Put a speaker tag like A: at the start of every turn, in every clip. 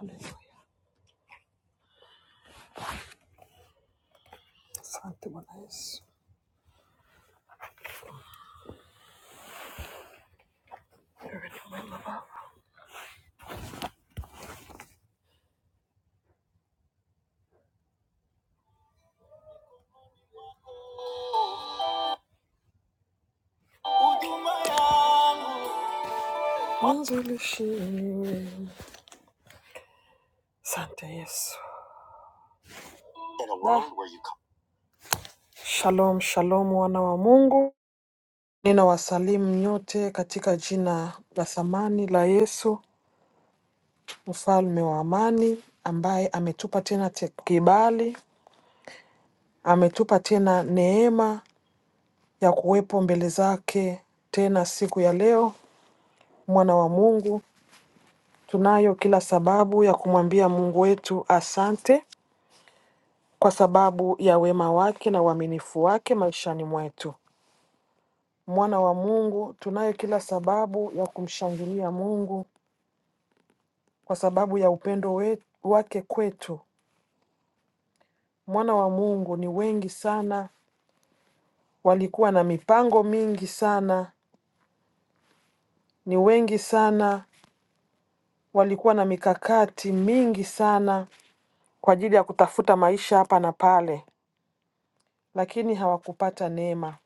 A: Haleluya, asante Bwana Yesu. Mwanzo ulishi- Asante Yesu. In a world where you come- Shalom, shalom wana wa Mungu. Ninawasalimu nyote katika jina la thamani la Yesu, mfalme wa amani, ambaye ametupa tena te kibali, ametupa tena neema ya kuwepo mbele zake tena siku ya leo. Mwana wa Mungu, tunayo kila sababu ya kumwambia Mungu wetu asante kwa sababu ya wema wake na uaminifu wake maishani mwetu. Mwana wa Mungu, tunayo kila sababu ya kumshangilia Mungu kwa sababu ya upendo we, wake kwetu. Mwana wa Mungu ni wengi sana, walikuwa na mipango mingi sana, ni wengi sana, walikuwa na mikakati mingi sana kwa ajili ya kutafuta maisha hapa na pale, lakini hawakupata neema.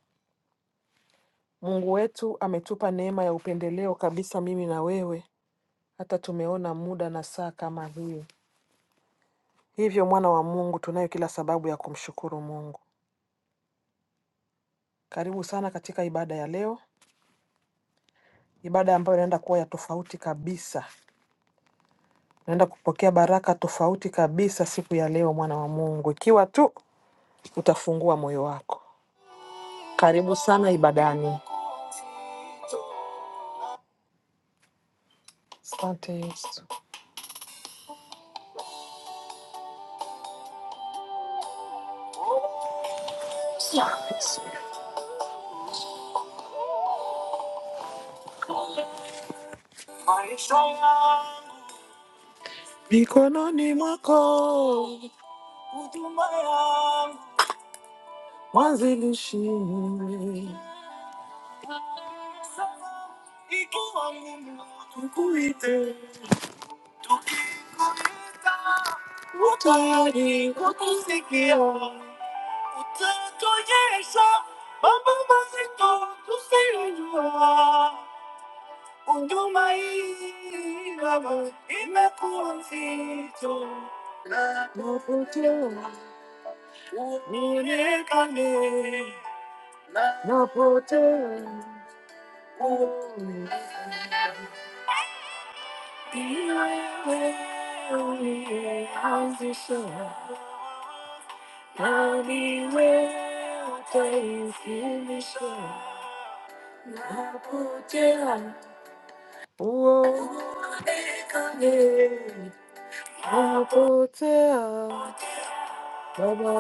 A: Mungu wetu ametupa neema ya upendeleo kabisa, mimi na wewe hata tumeona muda na saa kama hii. Hivyo mwana wa Mungu, tunayo kila sababu ya kumshukuru Mungu. Karibu sana katika ibada ya leo, ibada ambayo inaenda kuwa ya tofauti kabisa. Unaenda kupokea baraka tofauti kabisa siku ya leo, mwana wa Mungu, ikiwa tu utafungua moyo wako. Karibu sana ibadani. Asante Yesu. Yesu. Maisha yangu mikononi mwako, huduma yangu mwanzilishi Não posso, não posso. How's yourself? Tell me where things can be shown. I'll put down. Whoa. I'll put it on. Napokea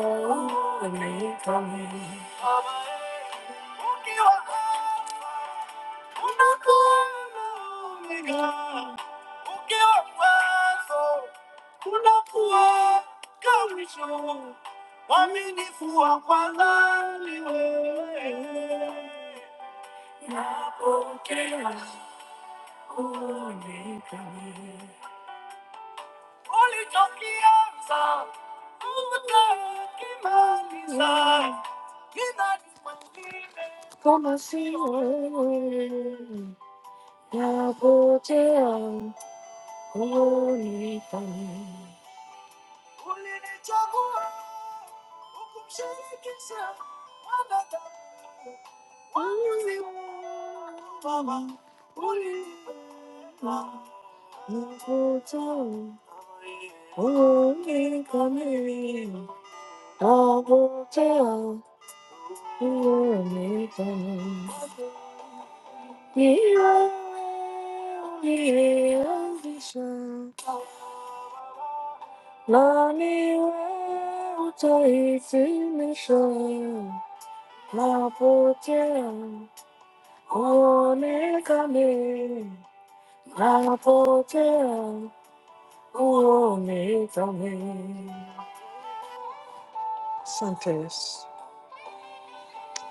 A: unikamili Kama si wewe napotea huoni tena. Ulinichagua ukumshirikisha mwanadamu Asante Yesu.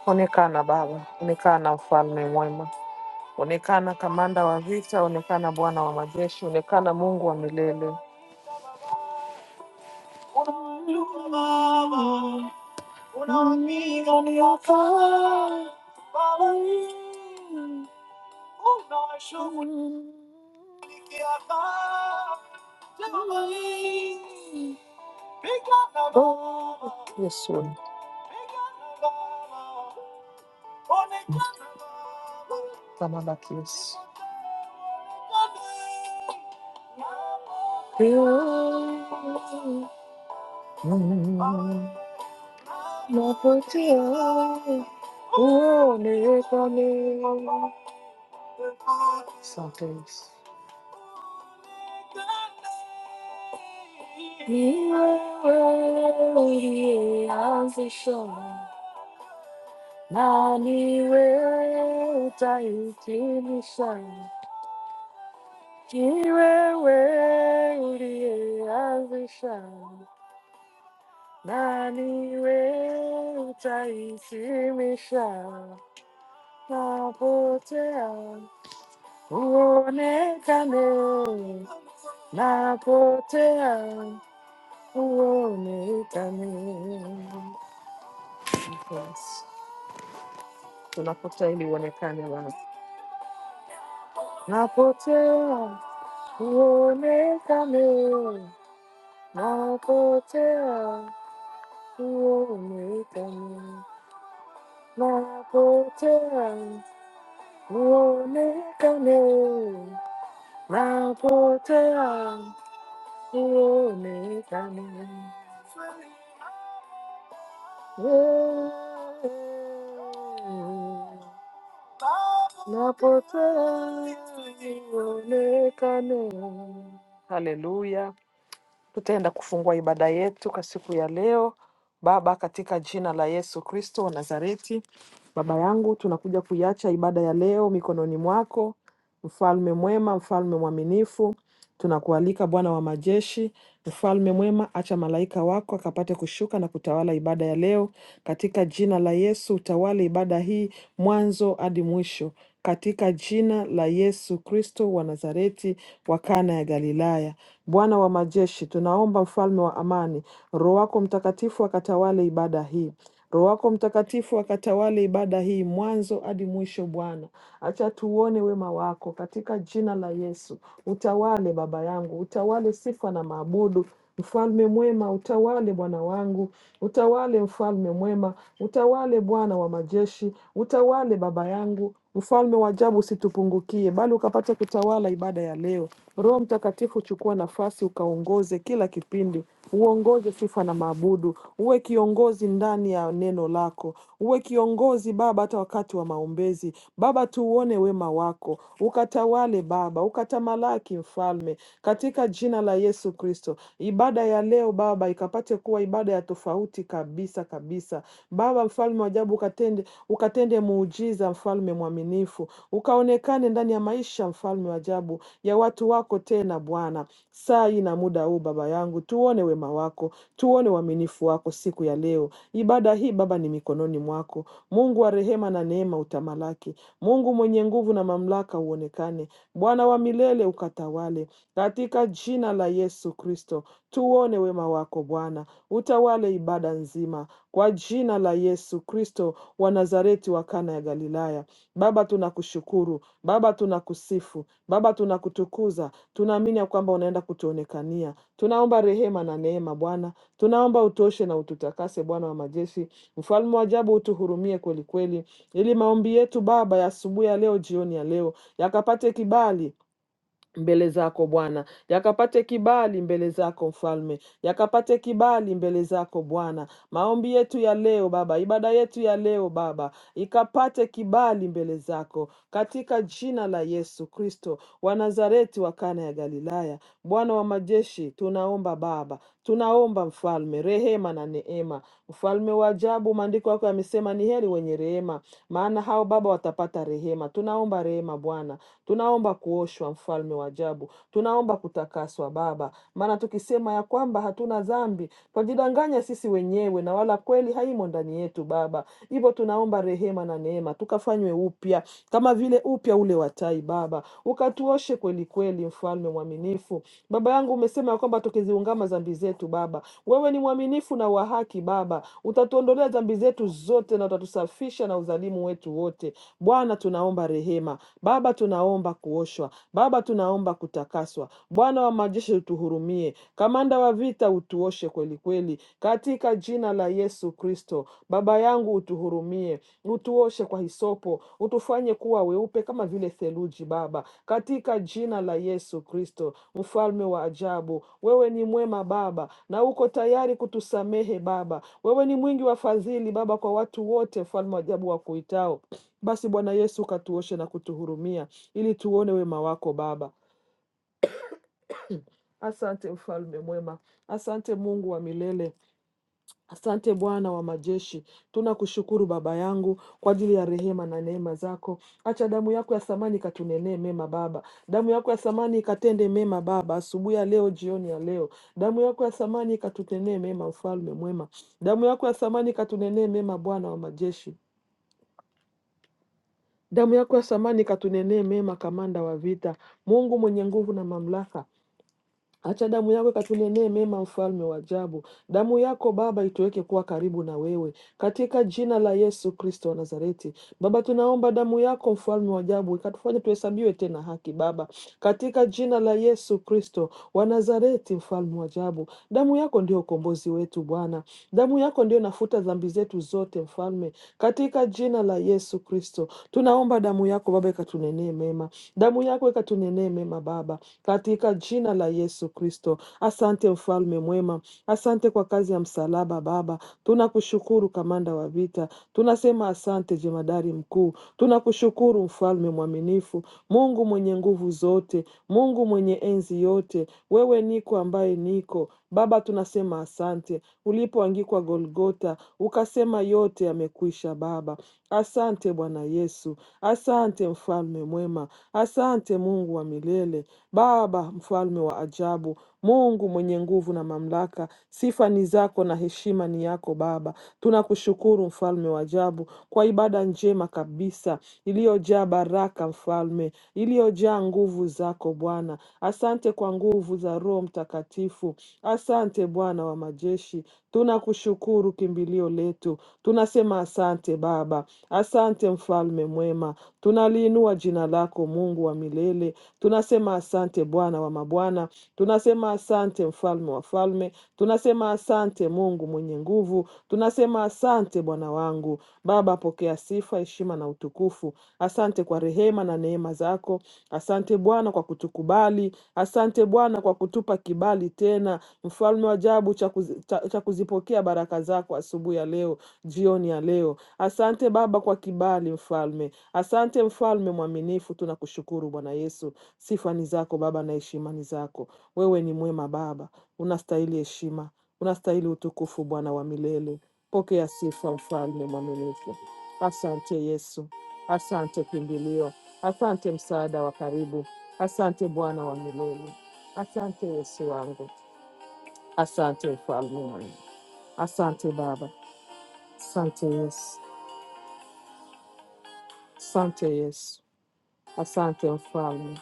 A: Onekana Baba, onekana mfalme mwema, onekana kamanda wa vita, onekana Bwana wa majeshi, onekana Mungu wa milele. Una mira ni acá, para mí. Oh, yes, Lord. Tamalakis. Oh, Santos. Niwe Napotea uone kani. Yes. Tunapotea ili uonekane Bwana. Napotea uonekane, napotea uonekane, napotea uonekane, napotea uonekane. Yeah. napotea nionekane. Haleluya! Tutaenda kufungua ibada yetu kwa siku ya leo. Baba, katika jina la Yesu Kristo wa Nazareti, Baba yangu, tunakuja kuiacha ibada ya leo mikononi mwako, mfalme mwema, mfalme mwaminifu. Tunakualika Bwana wa majeshi, mfalme mwema, acha malaika wako akapate kushuka na kutawala ibada ya leo. Katika jina la Yesu, utawale ibada hii mwanzo hadi mwisho katika jina la Yesu Kristo wa Nazareti wa Kana ya Galilaya. Bwana wa majeshi, tunaomba mfalme wa amani, Roho wako Mtakatifu akatawale ibada hii. Roho wako Mtakatifu akatawale ibada hii mwanzo hadi mwisho. Bwana, acha tuone wema wako katika jina la Yesu. Utawale baba yangu, utawale sifa na maabudu. Mfalme mwema, utawale Bwana wangu, utawale mfalme mwema, utawale Bwana wa majeshi, utawale baba yangu, Mfalme wa ajabu usitupungukie, bali ukapate kutawala ibada ya leo. Roho Mtakatifu, chukua nafasi, ukaongoze kila kipindi, uongoze sifa na maabudu, uwe kiongozi ndani ya neno lako, uwe kiongozi Baba hata wakati wa maombezi. Baba, tuuone wema wako, ukatawale Baba, ukatamalaki Mfalme, katika jina la Yesu Kristo. Ibada ya leo Baba ikapate kuwa ibada ya tofauti kabisa kabisa. Baba, mfalme wa ajabu, ukatende ukatende muujiza, mfalme mwaminifu, ukaonekane ndani ya maisha, mfalme wa ajabu, ya watu wako tena Bwana. Saa hii na muda huu, Baba yangu, tuone wema wako, tuone uaminifu wako siku ya leo. Ibada hii Baba ni mikononi mwako, Mungu wa rehema na neema, utamalaki. Mungu mwenye nguvu na mamlaka, uonekane. Bwana wa milele, ukatawale katika jina la Yesu Kristo. Tuone wema wako Bwana, utawale ibada nzima kwa jina la Yesu Kristo wa Nazareti wa Kana ya Galilaya. Baba, tunakushukuru Baba, tunakusifu Baba, tunakutukuza. Tunaamini ya kwamba unaenda kutuonekania. Tunaomba rehema na neema Bwana, tunaomba utoshe na ututakase Bwana wa majeshi, mfalme wa ajabu, utuhurumie kweli kweli, ili maombi yetu Baba ya asubuhi ya leo, jioni ya leo, yakapate kibali mbele zako Bwana, yakapate kibali mbele zako Mfalme, yakapate kibali mbele zako Bwana. Maombi yetu ya leo Baba, ibada yetu ya leo Baba, ikapate kibali mbele zako katika jina la Yesu Kristo wa Nazareti wa Kana ya Galilaya. Bwana wa majeshi, tunaomba Baba, tunaomba Mfalme, rehema na neema. Mfalme wa ajabu, maandiko yako yamesema ni heri wenye rehema, maana hao Baba watapata rehema. Tunaomba rehema Bwana Tunaomba kuoshwa, mfalme wa ajabu, tunaomba kutakaswa Baba, maana tukisema ya kwamba hatuna dhambi twajidanganya sisi wenyewe, na wala kweli haimo ndani yetu Baba. Hivyo tunaomba rehema na neema, tukafanywe upya kama vile upya ule wa tai Baba, ukatuoshe kweli kweli, mfalme mwaminifu. Baba yangu, umesema ya kwamba tukiziungama dhambi zetu Baba, wewe ni mwaminifu na wa haki Baba, utatuondolea dhambi zetu zote na utatusafisha na udhalimu wetu wote. Bwana, tunaomba tunaomba rehema, Baba tunaomba kuoshwa, Baba tunaomba kutakaswa. Bwana wa majeshi utuhurumie, kamanda wa vita utuoshe kweli kweli, katika jina la Yesu Kristo. Baba yangu utuhurumie, utuoshe kwa hisopo, utufanye kuwa weupe kama vile theluji, Baba, katika jina la Yesu Kristo. Mfalme wa ajabu, wewe ni mwema Baba, na uko tayari kutusamehe Baba. Wewe ni mwingi wa fadhili Baba kwa watu wote, mfalme wa ajabu wa kuitao basi Bwana Yesu, ukatuoshe na kutuhurumia ili tuone wema wako Baba. Asante mfalme mwema, asante Mungu wa milele, asante Bwana wa majeshi. Tunakushukuru Baba yangu kwa ajili ya rehema na neema zako. Acha damu yako ya thamani ikatunenee mema Baba, damu yako ya thamani ikatende mema Baba, asubuhi ya leo, jioni ya leo, damu yako ya thamani ikatutenee mema, mfalme mwema, damu yako ya thamani ikatunenee mema, Bwana wa majeshi. Damu yako ya thamani katunenee mema, kamanda wa vita. Mungu mwenye nguvu na mamlaka, Acha damu yako ikatunenee mema, mfalme wa ajabu. Damu yako Baba ituweke kuwa karibu na wewe, katika jina la Yesu Kristo wa Nazareti. Baba, tunaomba damu yako, mfalme wa ajabu, ikatufanye tuhesabiwe tena haki, Baba, katika jina la Yesu Kristo wa Nazareti, mfalme wa ajabu. Damu yako ndio ukombozi wetu, Bwana. Damu yako ndio inafuta dhambi zetu zote, mfalme, katika jina la Yesu Kristo. Tunaomba damu yako Baba ikatunenee mema, damu yako ikatunenee mema, Baba katika jina la Yesu Kristo. Asante mfalme mwema, asante kwa kazi ya msalaba Baba, tunakushukuru kamanda wa vita, tunasema asante jemadari mkuu, tunakushukuru mfalme mwaminifu, Mungu mwenye nguvu zote, Mungu mwenye enzi yote, wewe niko ambaye niko Baba, tunasema asante. Ulipoangikwa Golgota ukasema yote yamekwisha Baba, Asante Bwana Yesu, asante mfalme mwema, asante Mungu wa milele, Baba mfalme wa ajabu, Mungu mwenye nguvu na mamlaka. Sifa ni zako na heshima ni yako Baba. Tunakushukuru mfalme wa ajabu kwa ibada njema kabisa iliyojaa baraka, mfalme, iliyojaa nguvu zako Bwana. Asante kwa nguvu za Roho Mtakatifu. Asante Bwana wa majeshi, tunakushukuru kimbilio letu. Tunasema asante Baba, asante mfalme mwema. Tunaliinua jina lako Mungu wa milele. Tunasema asante Bwana wa mabwana, tunasema asante mfalme wa falme, tunasema asante Mungu mwenye nguvu, Tunasema Tunasema asante Bwana wangu. Baba, pokea sifa, heshima na utukufu. Asante kwa rehema na neema zako. Asante Bwana kwa kutukubali. Asante Bwana kwa kutupa kibali tena, mfalme wa ajabu cha kuzi- cha- cha kuzipokea baraka zako asubuhi ya leo, jioni ya leo. Asante Baba kwa kibali, mfalme. Asante mfalme mwaminifu, tunakushukuru Bwana Yesu. Sifa ni zako Baba na heshima ni zako. Wewe ni mwema Baba, unastahili heshima, unastahili utukufu Bwana wa milele. Pokea sifa, mfalme mwaminifu. Asante Yesu, asante kimbilio, asante msaada wa karibu, asante Bwana wa milele, asante Yesu wangu, asante mfalme wangu, asante Baba, asante Yesu, asante Yesu, asante mfalme,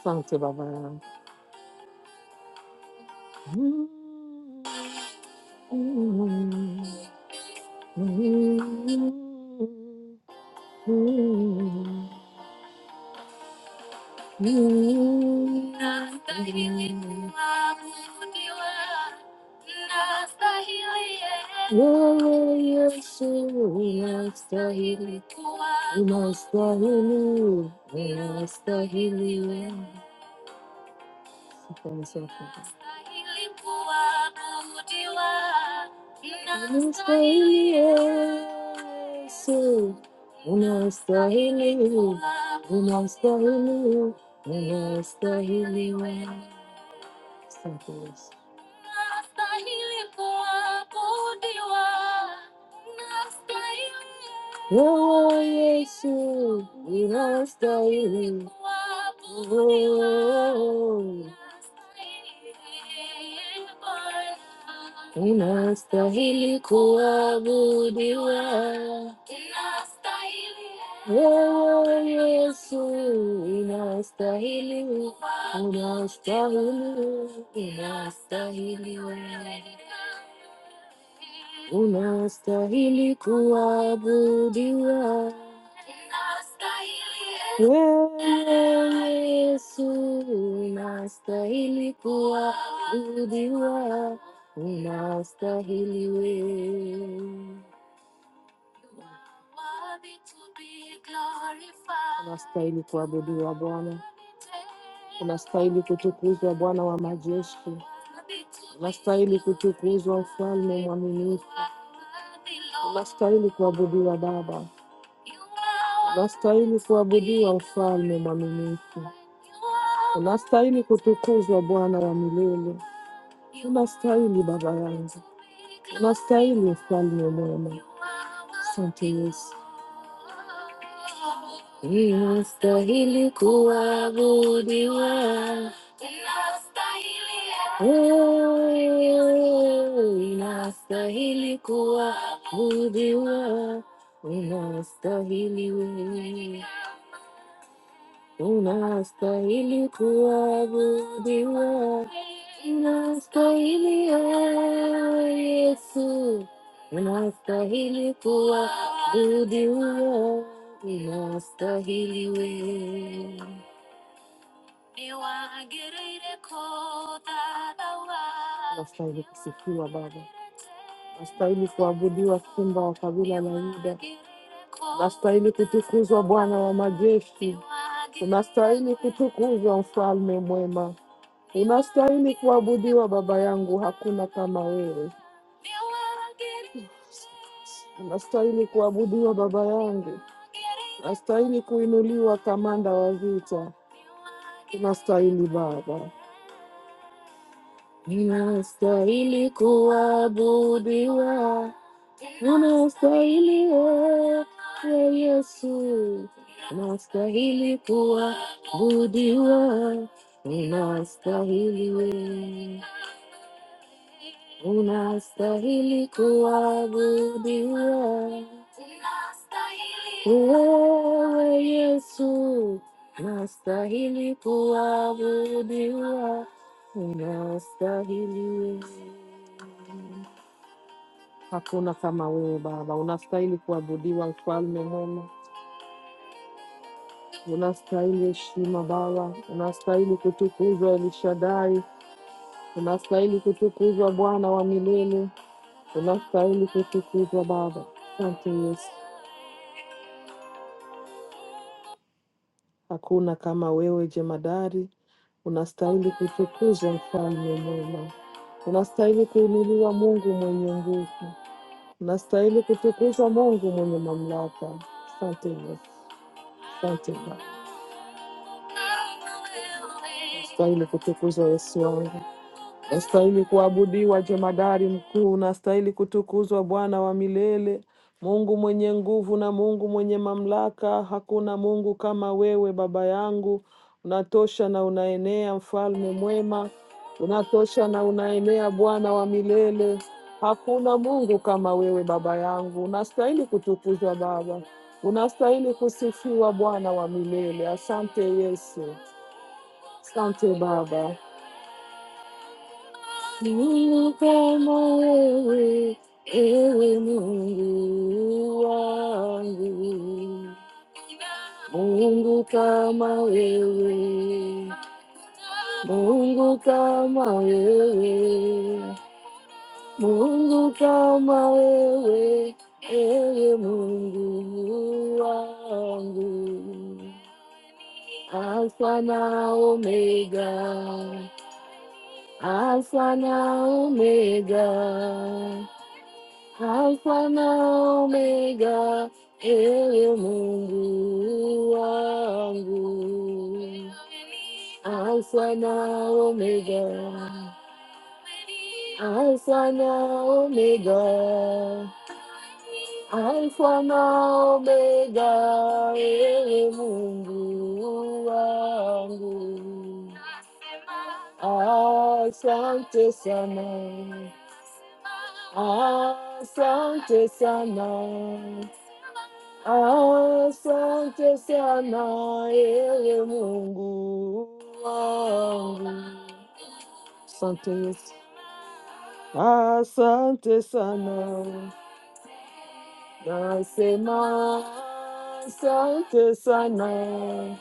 A: asante Baba yangu. Wewe Yesu unastahili, unastahili, unastahili. Yes, unastahili. Next time, please. Wewe Yesu unastahili kuabudiwa. Wewe Yesu unastahili, unastahili unastahili kuabudiwa. Wewe Yesu unastahili, unastahili kuwa Bwana, unastahili kutukuzwa Bwana wa majeshi, unastahili kuabudiwa Baba, unastahili kuabudiwa Mfalme mwaminifu, unastahili kutukuzwa Bwana wa milele, unastahili Baba yangu, ni Mfalme mwema. Asante Yesu. Wewe Unastahili kuabudiwa, unastahili wewe. unastahili kuabudiwa, unastahili ewe Yesu, unastahili kuabudiwa, unastahili we- unastahili kusifiwa Baba, unastahili kuabudiwa, Simba wa kabila, unastahili kutukuzwa, Bwana wa majeshi, unastahili kutukuzwa, Mfalme mwema. Unastahili kuabudiwa baba yangu, hakuna kama wewe. Unastahili kuabudiwa baba yangu. Nastahili kuinuliwa kamanda wa vita, unastahili Baba, ninastahili kuabudiwa, nastahili wewe Yesu, nastahili kuabudiwa, unastahili wewe, unastahili kuabudiwa wewe Yesu, nastahili kuabudiwa, unastahili wewe. Hakuna kama wewe Baba, unastahili kuabudiwa, mfalme mwema, unastahili heshima Baba, unastahili kutukuzwa Elishadai, unastahili kutukuzwa Bwana wa milele, unastahili kutukuzwa Baba. Asante Yesu, hakuna kama wewe jemadari, unastahili kutukuzwa, mfalme mwema, unastahili kuinuliwa, Mungu mwenye nguvu, unastahili kutukuzwa, Mungu mwenye mamlaka. Asante Yesu, asante Baba. stahili kutukuzwa Yesu wangu, nastahili kuabudiwa jemadari mkuu, nastahili kutukuzwa Bwana wa milele, Mungu mwenye nguvu na Mungu mwenye mamlaka. Hakuna Mungu kama wewe Baba yangu, unatosha na unaenea, mfalme mwema, unatosha na unaenea, Bwana wa milele. Hakuna Mungu kama wewe Baba yangu, unastahili kutukuzwa Baba, unastahili kusifiwa Bwana wa milele. Asante Yesu, asante Baba. Mungu kama wewe, ewe Mungu wangu. Mungu kama wewe, Mungu kama wewe, Mungu kama wewe, ewe Mungu wangu. Alfa na Omega, Alfa na Omega. Alfa na Omega, ewe Mungu wangu. Alfa na Omega, Alfa na Omega, Alfa na Omega, Mungu wangu. Asante sana, asante sana. Asante sana ewe Mungu wangu, asante Yesu, asante sana, nasema asante sana,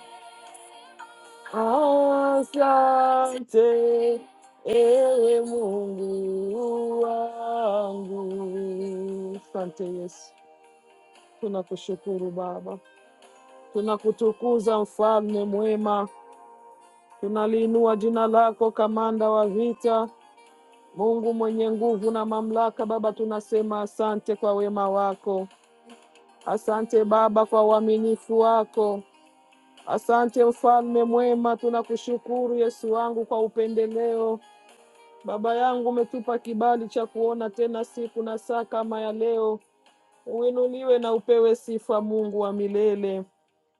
A: asante ewe Mungu wangu, asante Yesu, tunakushukuru Baba, tunakutukuza mfalme mwema Tunaliinua jina lako, kamanda wa vita, Mungu mwenye nguvu na mamlaka. Baba, tunasema asante kwa wema wako, asante Baba kwa uaminifu wako, asante mfalme mwema. Tunakushukuru Yesu wangu kwa upendeleo. Baba yangu, umetupa kibali cha kuona tena siku na saa kama ya leo. Uinuliwe na upewe sifa, Mungu wa milele.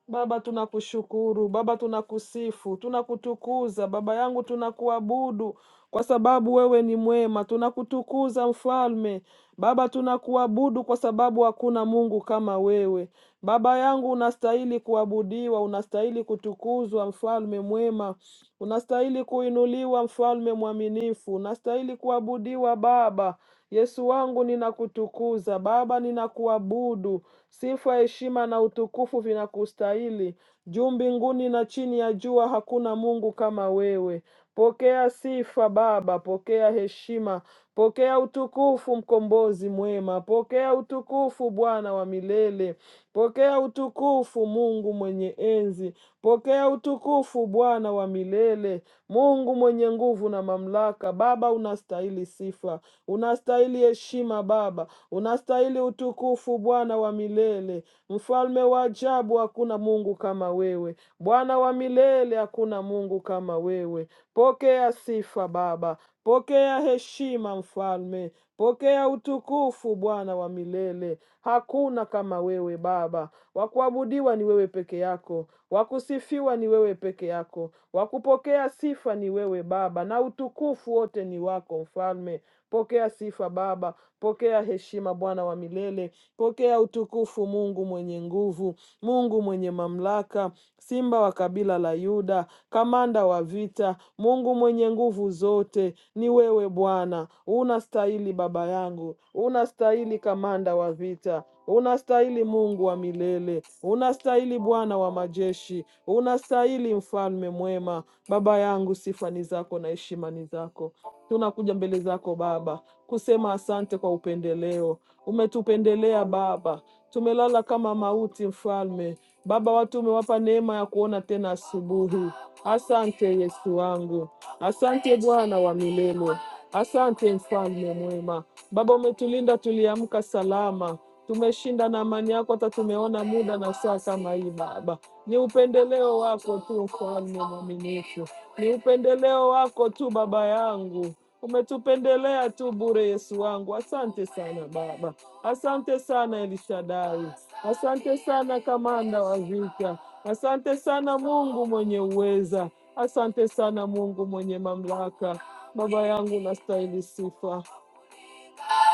A: Baba, tunakushukuru Baba, tunakusifu, tunakutukuza Baba yangu, tunakuabudu kwa sababu wewe ni mwema. Tunakutukuza Mfalme Baba, tunakuabudu kwa sababu hakuna Mungu kama wewe. Baba yangu, unastahili kuabudiwa, unastahili kutukuzwa, Mfalme mwema, unastahili kuinuliwa, Mfalme mwaminifu, unastahili kuabudiwa Baba. Yesu wangu, ninakutukuza Baba, ninakuabudu. Sifa, heshima na utukufu vinakustahili. Juu mbinguni na chini ya jua hakuna Mungu kama wewe. Pokea sifa Baba, pokea heshima, pokea utukufu mkombozi mwema, pokea utukufu Bwana wa milele, pokea utukufu Mungu mwenye enzi, pokea utukufu Bwana wa milele, Mungu mwenye nguvu na mamlaka. Baba, unastahili sifa, unastahili heshima Baba, Unastahili utukufu Bwana wa milele, mfalme wa ajabu. Hakuna Mungu kama wewe, Bwana wa milele, hakuna Mungu kama wewe. Pokea sifa Baba, pokea heshima Mfalme, pokea utukufu Bwana wa milele. Hakuna kama wewe Baba, wakuabudiwa ni wewe peke yako, wakusifiwa ni wewe peke yako, wakupokea sifa ni wewe Baba, na utukufu wote ni wako Mfalme. Pokea sifa Baba, Pokea heshima Bwana wa milele, pokea utukufu Mungu mwenye nguvu, Mungu mwenye mamlaka, Simba wa kabila la Yuda, kamanda wa vita, Mungu mwenye nguvu zote, ni wewe Bwana. Unastahili baba yangu, unastahili kamanda wa vita, unastahili Mungu wa milele, unastahili Bwana wa majeshi, unastahili mfalme mwema. Baba yangu, sifa ni zako na heshima ni zako. Tunakuja mbele zako Baba, kusema asante kwa upendeleo. Umetupendelea Baba, tumelala kama mauti, Mfalme. Baba, watu umewapa neema ya kuona tena asubuhi. Asante Yesu wangu, asante Bwana wa milele, asante Mfalme mwema. Baba, umetulinda tuliamka salama, tumeshinda na amani yako, hata tumeona muda na saa kama hii Baba. Ni upendeleo wako tu, Mfalme mwaminifu, ni upendeleo wako tu Baba yangu. Umetupendelea tu bure, Yesu wangu. Asante sana Baba, asante sana Elishadai, asante sana kamanda wa vita, asante sana Mungu mwenye uweza, asante sana Mungu mwenye mamlaka. Baba yangu, unastahili sifa.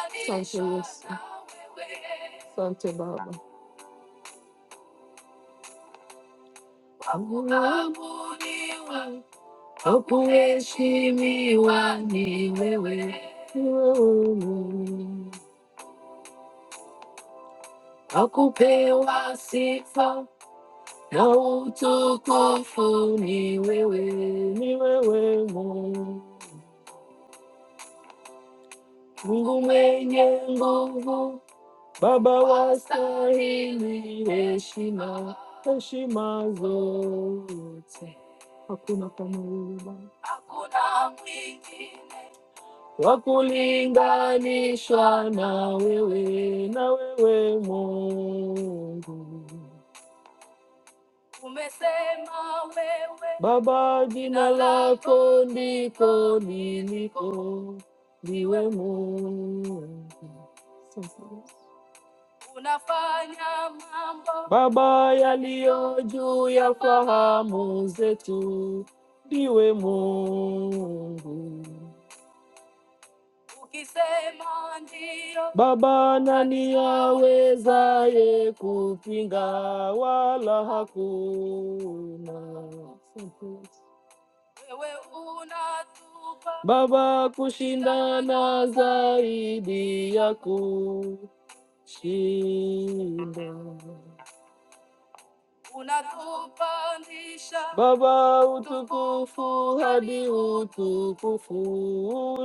A: Asante Yesu, asante Baba. Akuheshimiwa ni wewe, ni wewe Mungu. akupewa sifa na utukufu ni wewe, ni wewe Mungu, Mungu mwenye nguvu, Baba wastahili heshima, heshima zote, hakuna kama wewe Bwana wa kulinganishwa na wewe, na wewe Mungu Baba, jina liliko liwe Mungu. Sasa. Baba, yaliyo juu ya fahamu zetu, ndiwe Mungu. Baba, nani awezaye kupinga? Wala hakuna. Baba, kushindana zaidi ya kushinda. unatupandisha Baba utukufu hadi utukufu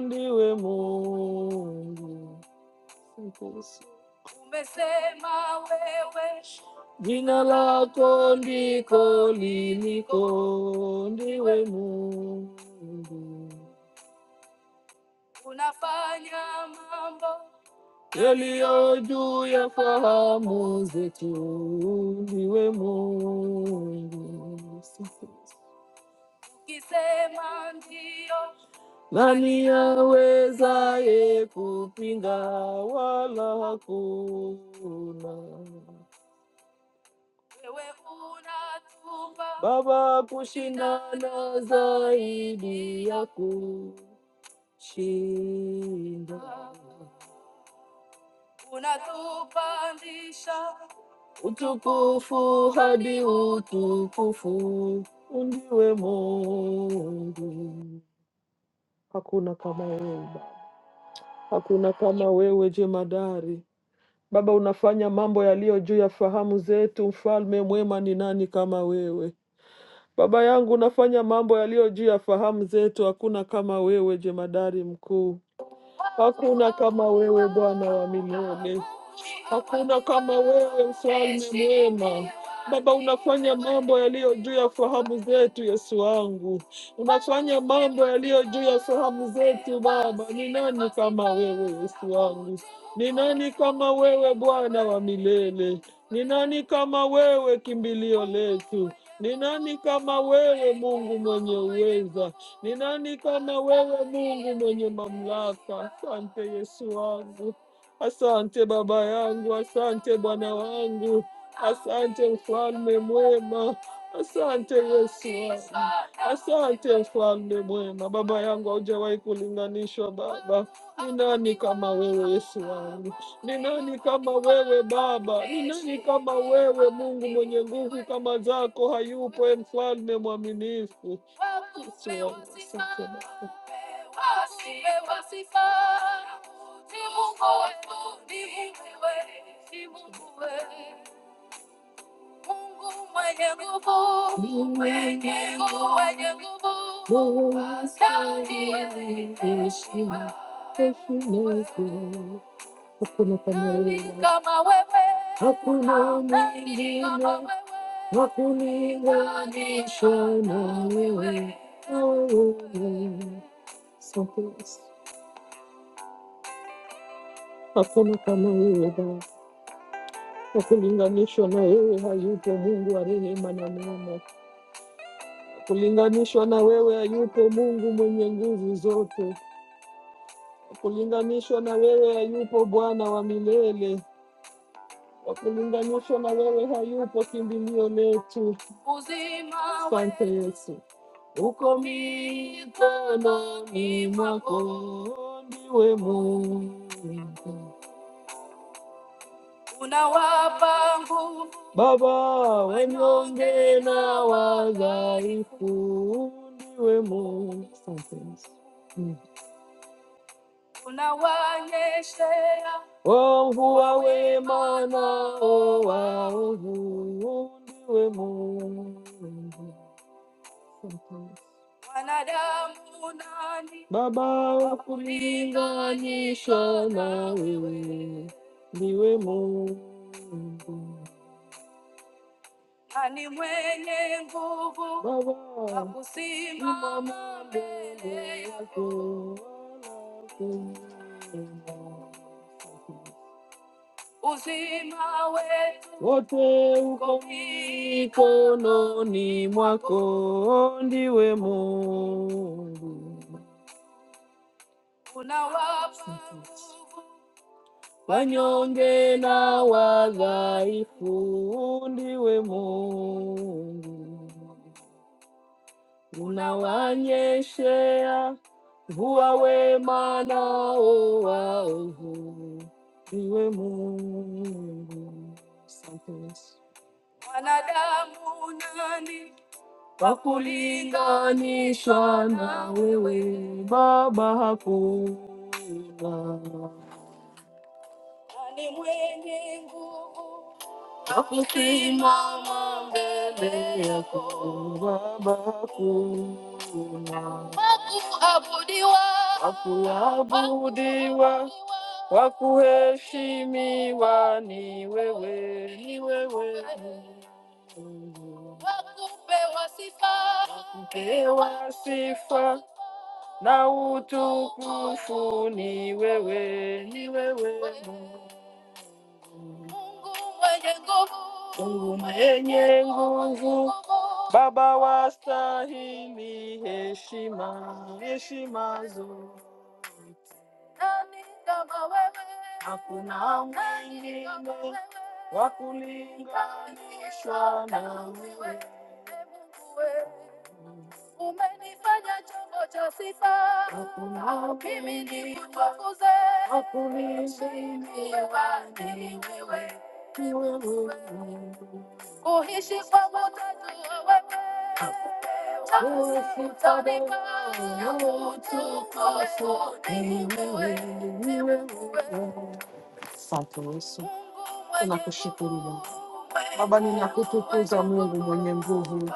A: ndiwe Mungu. Umesema wewe jina lako ndiko liliko, ndiwe Mungu. Unafanya mambo yaliyo juu ya fahamu zetu, ndiwe Mungu. Ukisema ndio, nani awezaye kupinga? Wala hakuna wewe unatupa Baba kushindana zaidi ya kushinda. Utukufu hadi utukufu, undiwe Mungu. Hakuna kama wewe Baba, hakuna kama wewe jemadari. Baba, unafanya mambo yaliyo juu ya fahamu zetu. Mfalme mwema, ni nani kama wewe? Baba yangu, unafanya mambo yaliyo juu ya fahamu zetu. Hakuna kama wewe, jemadari mkuu. Hakuna kama wewe, Bwana wa milele. Hakuna kama wewe, mfalme mwema. Baba, unafanya mambo yaliyo juu ya fahamu zetu, Yesu wangu, unafanya mambo yaliyo juu ya fahamu zetu. Baba, ni nani kama wewe, Yesu wangu? Ni nani kama wewe, Bwana wa milele? Ni nani kama wewe, kimbilio letu? Ni nani kama wewe, Mungu mwenye uweza? Ni nani kama wewe, Mungu mwenye mamlaka? Asante Yesu wangu. Asante baba yangu, asante Bwana wangu, asante mfalme mwema, asante Yesu wangu, asante mfalme mwema. Baba yangu, haujawahi kulinganishwa Baba. Ni nani kama wewe Yesu wangu? Ni nani kama wewe Baba? Ni nani kama wewe Mungu mwenye nguvu kama zako? Hayupo e mfalme mwaminifu Yesu wangu, asante Baba. Mungu mwenye nguvu, mwenye nguvu, mwenye nguvu, sauti yenye heshima, heshima yako. Hakuna kama wewe, kama wewe, hakuna mwingine, hakulinganisha na wewe. Oh, oh, oh. Hakuna kama wewe Kulinganishwa na wewe hayupo Mungu wa rehema na neema. Kulinganishwa na wewe hayupo Mungu mwenye nguvu zote. Kulinganishwa na wewe hayupo Bwana wa milele. Kwa kulinganishwa na wewe hayupo kimbilio letu. Uzima Asante Yesu, uko mikononi mwako, ndiwe Mungu Unawapa nguvu Baba wanyonge na wadhaifu, ndiwe Mungu. Mm. Unawaonyeshea waovu wa wema nao waovu, ndiwe Mungu. Wanadamu nani Baba wa kulinganisha na wewe, ndiwe Mungu. Ani mwenye nguvu Baba, wa kusimama mbele yako uzima wetu wote uko mikononi mwako, ndiwe Mungu. Unawapa nguvu wanyonge na wadhaifu, ndiwe Mungu. Unawanyeshea mvua wema nao waovu, iwe Mungu. Asante Yesu. Wanadamu nani wa kulinganishwa na wewe Baba? Hakuna. Nani mwenye nguvu Akusimama mbele yako Baba kuna wakuabudiwa, wakuabudiwa, wakuheshimiwa ni wewe, ni wewe Mungu. Wakupewa sifa, wakupewa sifa na utukufu ni wewe, ni wewe Mungu. Mungu mwenye nguvu, Baba wastahili heshima, heshima zote. Nani kama wewe? Hakuna mwingine wa kulinganishwa na wewe. Umenifanya chombo cha sifa, mimi nikutukuze, niwe wazi ni wewe. Kuishi kwa utatu wa wewe, utanika utukufu ni wewe. ni wewe. Asante Yesu, tunakushukuru Mungu. Baba, ninakutukuza Mungu mwenye nguvu,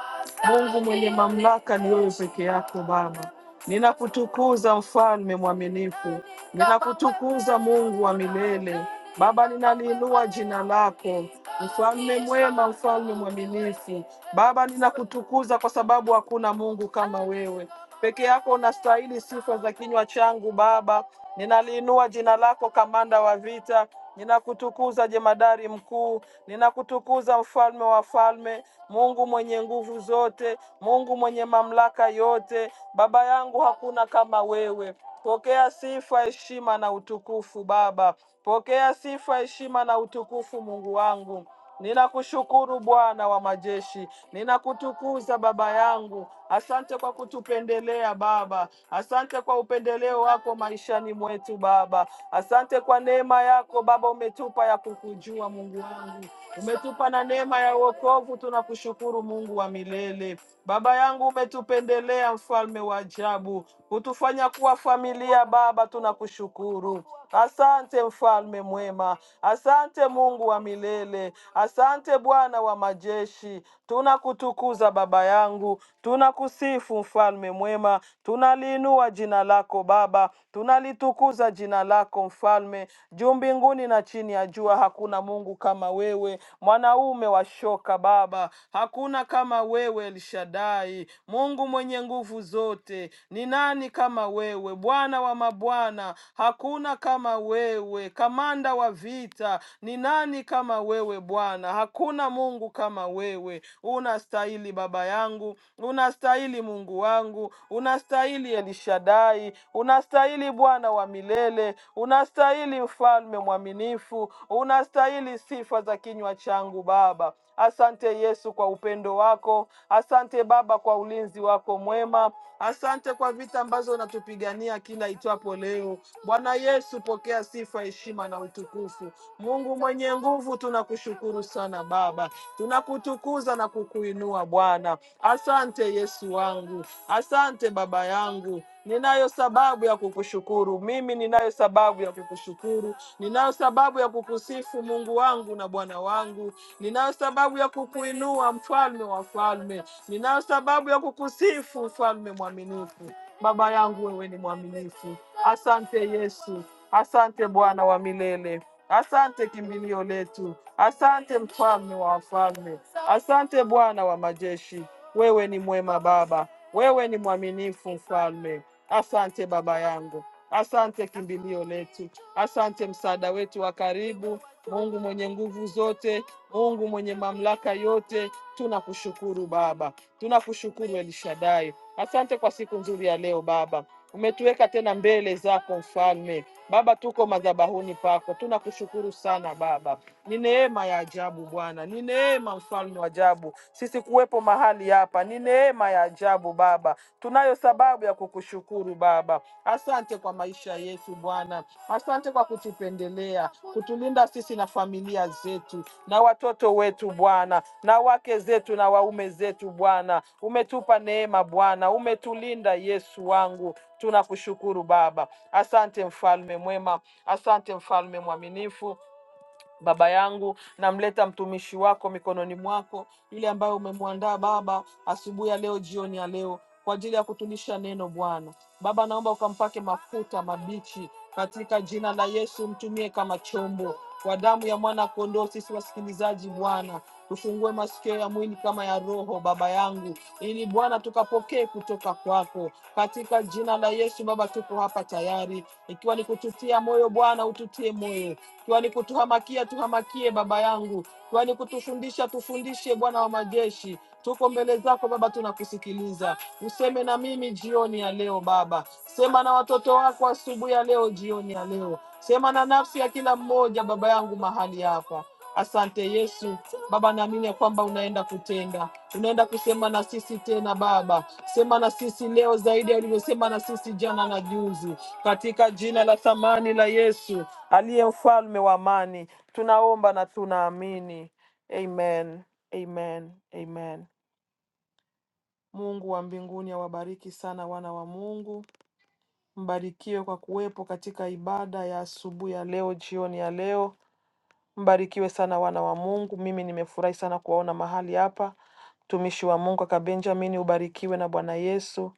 A: Mungu mwenye mamlaka, ni wewe peke yako Baba. Ninakutukuza mfalme mwaminifu, ninakutukuza Mungu wa milele. Baba, ninaliinua jina lako, mfalme mwema, mfalme mwaminifu. Baba, ninakutukuza kwa sababu hakuna Mungu kama wewe. Peke yako unastahili sifa za kinywa changu Baba. Ninaliinua jina lako, kamanda wa vita. Ninakutukuza jemadari mkuu, ninakutukuza mfalme wa falme, Mungu mwenye nguvu zote, Mungu mwenye mamlaka yote. Baba yangu, hakuna kama wewe. Pokea sifa, heshima na utukufu Baba. Pokea sifa, heshima na utukufu Mungu wangu. Ninakushukuru Bwana wa majeshi, ninakutukuza Baba yangu. Asante kwa kutupendelea Baba, asante kwa upendeleo wako maishani mwetu Baba. Asante kwa neema yako Baba, umetupa ya kukujua Mungu wangu, umetupa na neema ya wokovu. Tunakushukuru Mungu wa milele. Baba yangu, umetupendelea mfalme wa ajabu, hutufanya kuwa familia. Baba, tunakushukuru. Asante mfalme mwema, asante Mungu wa milele, asante Bwana wa majeshi. Tunakutukuza baba yangu, tunakusifu Mtakatifu, mfalme mwema, tunaliinua jina lako Baba, tunalitukuza jina lako mfalme. Juu mbinguni na chini ya jua hakuna Mungu kama wewe, mwanaume wa shoka Baba, hakuna kama wewe El Shaddai, Mungu mwenye nguvu zote. Ni nani kama wewe, Bwana wa mabwana? Hakuna kama wewe, kamanda wa vita. Ni nani kama wewe Bwana? Hakuna Mungu kama wewe. Unastahili baba yangu, unastahili Mungu wangu, unastahili Elishadai, unastahili Bwana wa milele, unastahili mfalme mwaminifu, unastahili sifa za kinywa changu Baba. Asante Yesu kwa upendo wako, asante Baba kwa ulinzi wako mwema, asante kwa vita ambazo unatupigania kila itwapo leo. Bwana Yesu, pokea sifa, heshima na utukufu. Mungu mwenye nguvu, tunakushukuru sana Baba, tunakutukuza na kukuinua Bwana. Asante Yesu wangu, asante Baba yangu. Ninayo sababu ya kukushukuru mimi, ninayo sababu ya kukushukuru, ninayo sababu ya kukusifu Mungu wangu na Bwana wangu, ninayo sababu ya kukuinua Mfalme wa falme, ninayo sababu ya kukusifu Mfalme mwaminifu. Baba yangu, wewe ni mwaminifu. Asante Yesu, asante Bwana wa milele, asante kimbilio letu, asante mfalme wa wafalme, asante Bwana wa majeshi. Wewe ni mwema Baba, wewe ni mwaminifu mfalme. Asante baba yangu, asante kimbilio letu, asante msaada wetu wa karibu, Mungu mwenye nguvu zote, Mungu mwenye mamlaka yote. Tunakushukuru Baba, tunakushukuru Elishadai. Asante kwa siku nzuri ya leo Baba umetuweka tena mbele zako mfalme. Baba, tuko madhabahuni pako, tunakushukuru sana Baba. Ni neema ya ajabu Bwana, ni neema mfalme wa ajabu. Sisi kuwepo mahali hapa ni neema ya ajabu Baba, tunayo sababu ya kukushukuru Baba. Asante kwa maisha yetu Bwana, asante kwa kutupendelea, kutulinda sisi na familia zetu na watoto wetu Bwana, na wake zetu na waume zetu Bwana. Umetupa neema Bwana, umetulinda Yesu wangu Tunakushukuru Baba, asante mfalme mwema, asante mfalme mwaminifu. Baba yangu, namleta mtumishi wako mikononi mwako, ile ambayo umemwandaa Baba asubuhi ya leo, jioni ya leo, kwa ajili ya kutulisha neno Bwana. Baba, naomba ukampake mafuta mabichi katika jina la Yesu, mtumie kama chombo kwa damu ya mwana kondoo. Sisi wasikilizaji Bwana, tufungue masikio ya mwili kama ya roho, Baba yangu, ili Bwana tukapokee kutoka kwako katika jina la Yesu. Baba, tuko hapa tayari, ikiwa ni kututia moyo Bwana, ututie moyo Tuani kutuhamakia tuhamakie, Baba yangu. Tuani kutufundisha tufundishe, Bwana wa majeshi. Tuko mbele zako Baba, tunakusikiliza. Useme na mimi jioni ya leo Baba, sema na watoto wako asubuhi ya leo, jioni ya leo, sema na nafsi ya kila mmoja Baba yangu mahali hapa. Asante Yesu. Baba, naamini ya kwamba unaenda kutenda, unaenda kusema na sisi tena Baba. Sema na sisi leo zaidi ya ulivyosema na sisi jana na juzi, katika jina la thamani la Yesu aliye mfalme wa amani. Tunaomba na tunaamini. Amen, amen, amen. Mungu wa mbinguni awabariki sana wana wa Mungu, mbarikiwe kwa kuwepo katika ibada ya asubuhi ya leo, jioni ya leo. Mbarikiwe sana wana wa Mungu. Mimi nimefurahi sana kuwaona mahali hapa. Mtumishi wa Mungu kaka Benjamin, ubarikiwe na Bwana Yesu.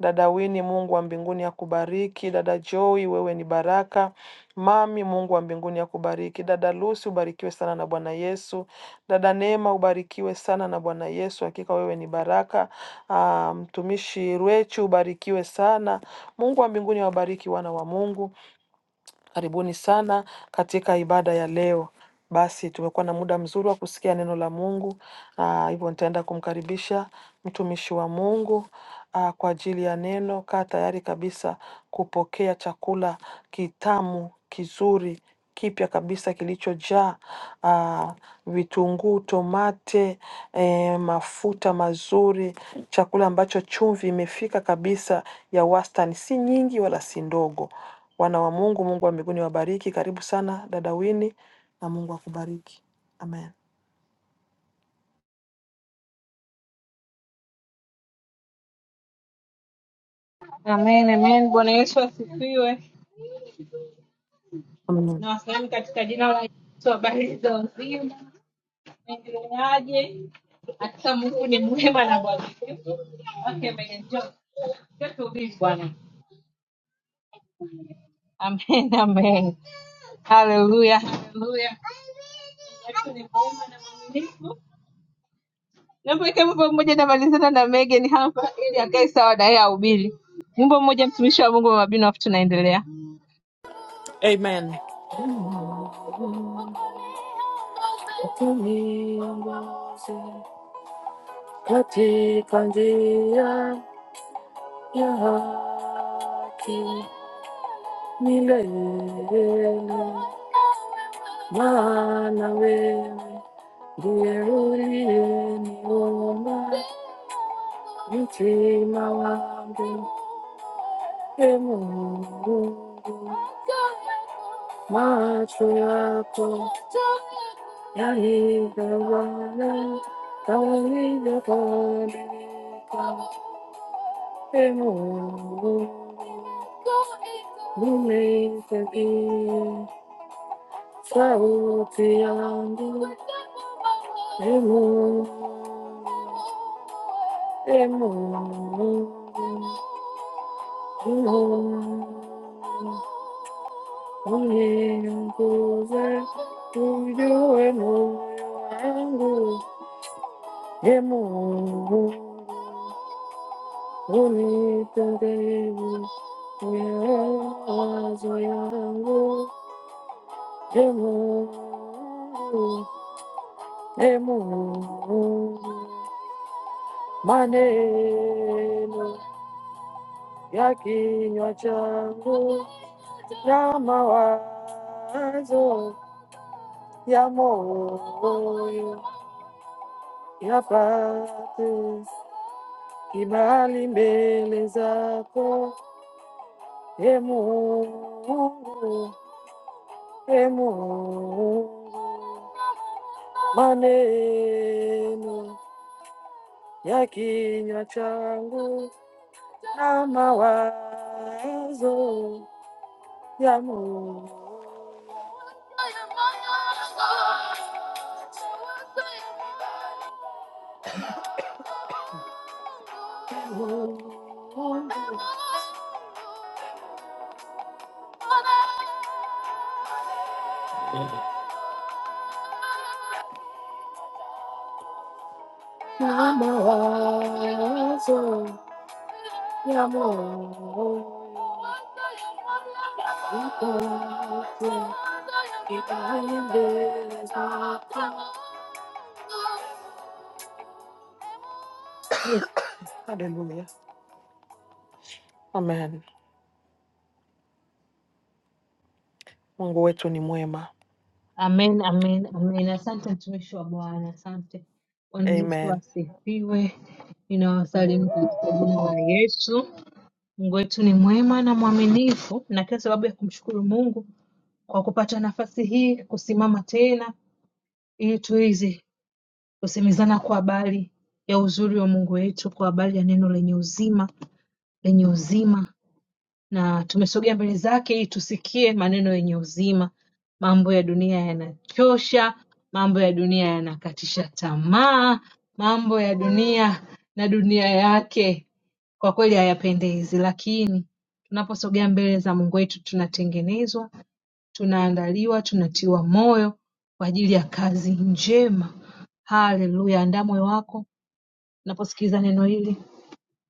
A: Dada Wini, Mungu wa mbinguni akubariki. Dada Joy, wewe ni baraka. Mami, Mungu wa mbinguni akubariki. Dada Lucy, ubarikiwe sana na Bwana Yesu. Dada Neema, ubarikiwe sana na Bwana Yesu. Hakika wewe ni baraka. Ah, Mtumishi Rwechu, ubarikiwe sana. Mungu wa mbinguni awabariki wana wa Mungu. Karibuni sana katika ibada ya leo. Basi tumekuwa na muda mzuri wa kusikia neno la Mungu. Ah, hivyo nitaenda kumkaribisha mtumishi wa Mungu ah, kwa ajili ya neno. Kaa tayari kabisa kupokea chakula kitamu, kizuri, kipya kabisa kilichojaa ah, vitunguu, tomate, eh, mafuta mazuri, chakula ambacho chumvi imefika kabisa ya wastani, si nyingi wala si ndogo. Wana wa Mungu, Mungu wa mbinguni wabariki. Karibu sana dada Wini, na Mungu akubariki. Amen.
B: Amen, amen. Bwana Yesu asifiwe.
A: Amen.
B: Na wasalimu katika jina la Yesu. Habari za uzima, endeleaje? Hakika Mungu ni mwema na mwaminifu. Okay, Megan, njoo. Njoo tuhubiri Bwana. Amen, amen. Haleluya, haleluya. Yesu ni mwema na mwaminifu. Naomba ikae wimbo mmoja namalizana na Megan hapa ili akae sawa na yeye ahubiri. Wimbo mmoja mtumishi wa Mungu Mama Bino, afu tunaendelea.
A: Amen. Milele Bwana wewe ndiye uliyeniumba mtima wangu, e Mungu, macho yako yalitazama yalivyobadilika, e Mungu, nimeisikia sauti yangu, e Mungu Maneno ya kinywa changu na mawazo ya moyo yapate kibali mbele zako, e Mungu, e Mungu, maneno ya kinywa changu na mawazo ya moyo na mawazo ya moyo Haleluya. Amen. Mungu wetu ni mwema.
B: Amen, amen, amen. Asante mtumishi wa Bwana, asante. Bwana Yesu
A: Amen.
B: asifiwe. Ninawasalimu katika jina la Yesu. Mungu wetu ni mwema na mwaminifu, na kila sababu ya kumshukuru Mungu kwa kupata nafasi hii ya kusimama tena, ili tuweze kusemezana kwa habari ya uzuri wa Mungu wetu, kwa habari ya neno lenye uzima, lenye uzima na tumesogea mbele zake ili tusikie maneno yenye uzima. Mambo ya dunia yanachosha, mambo ya dunia yanakatisha tamaa, mambo ya dunia na dunia yake kwa kweli hayapendezi, lakini tunaposogea mbele za Mungu wetu tunatengenezwa, tunaandaliwa, tunatiwa moyo kwa ajili ya kazi njema. Haleluya! Andaa moyo wako unaposikiliza neno hili,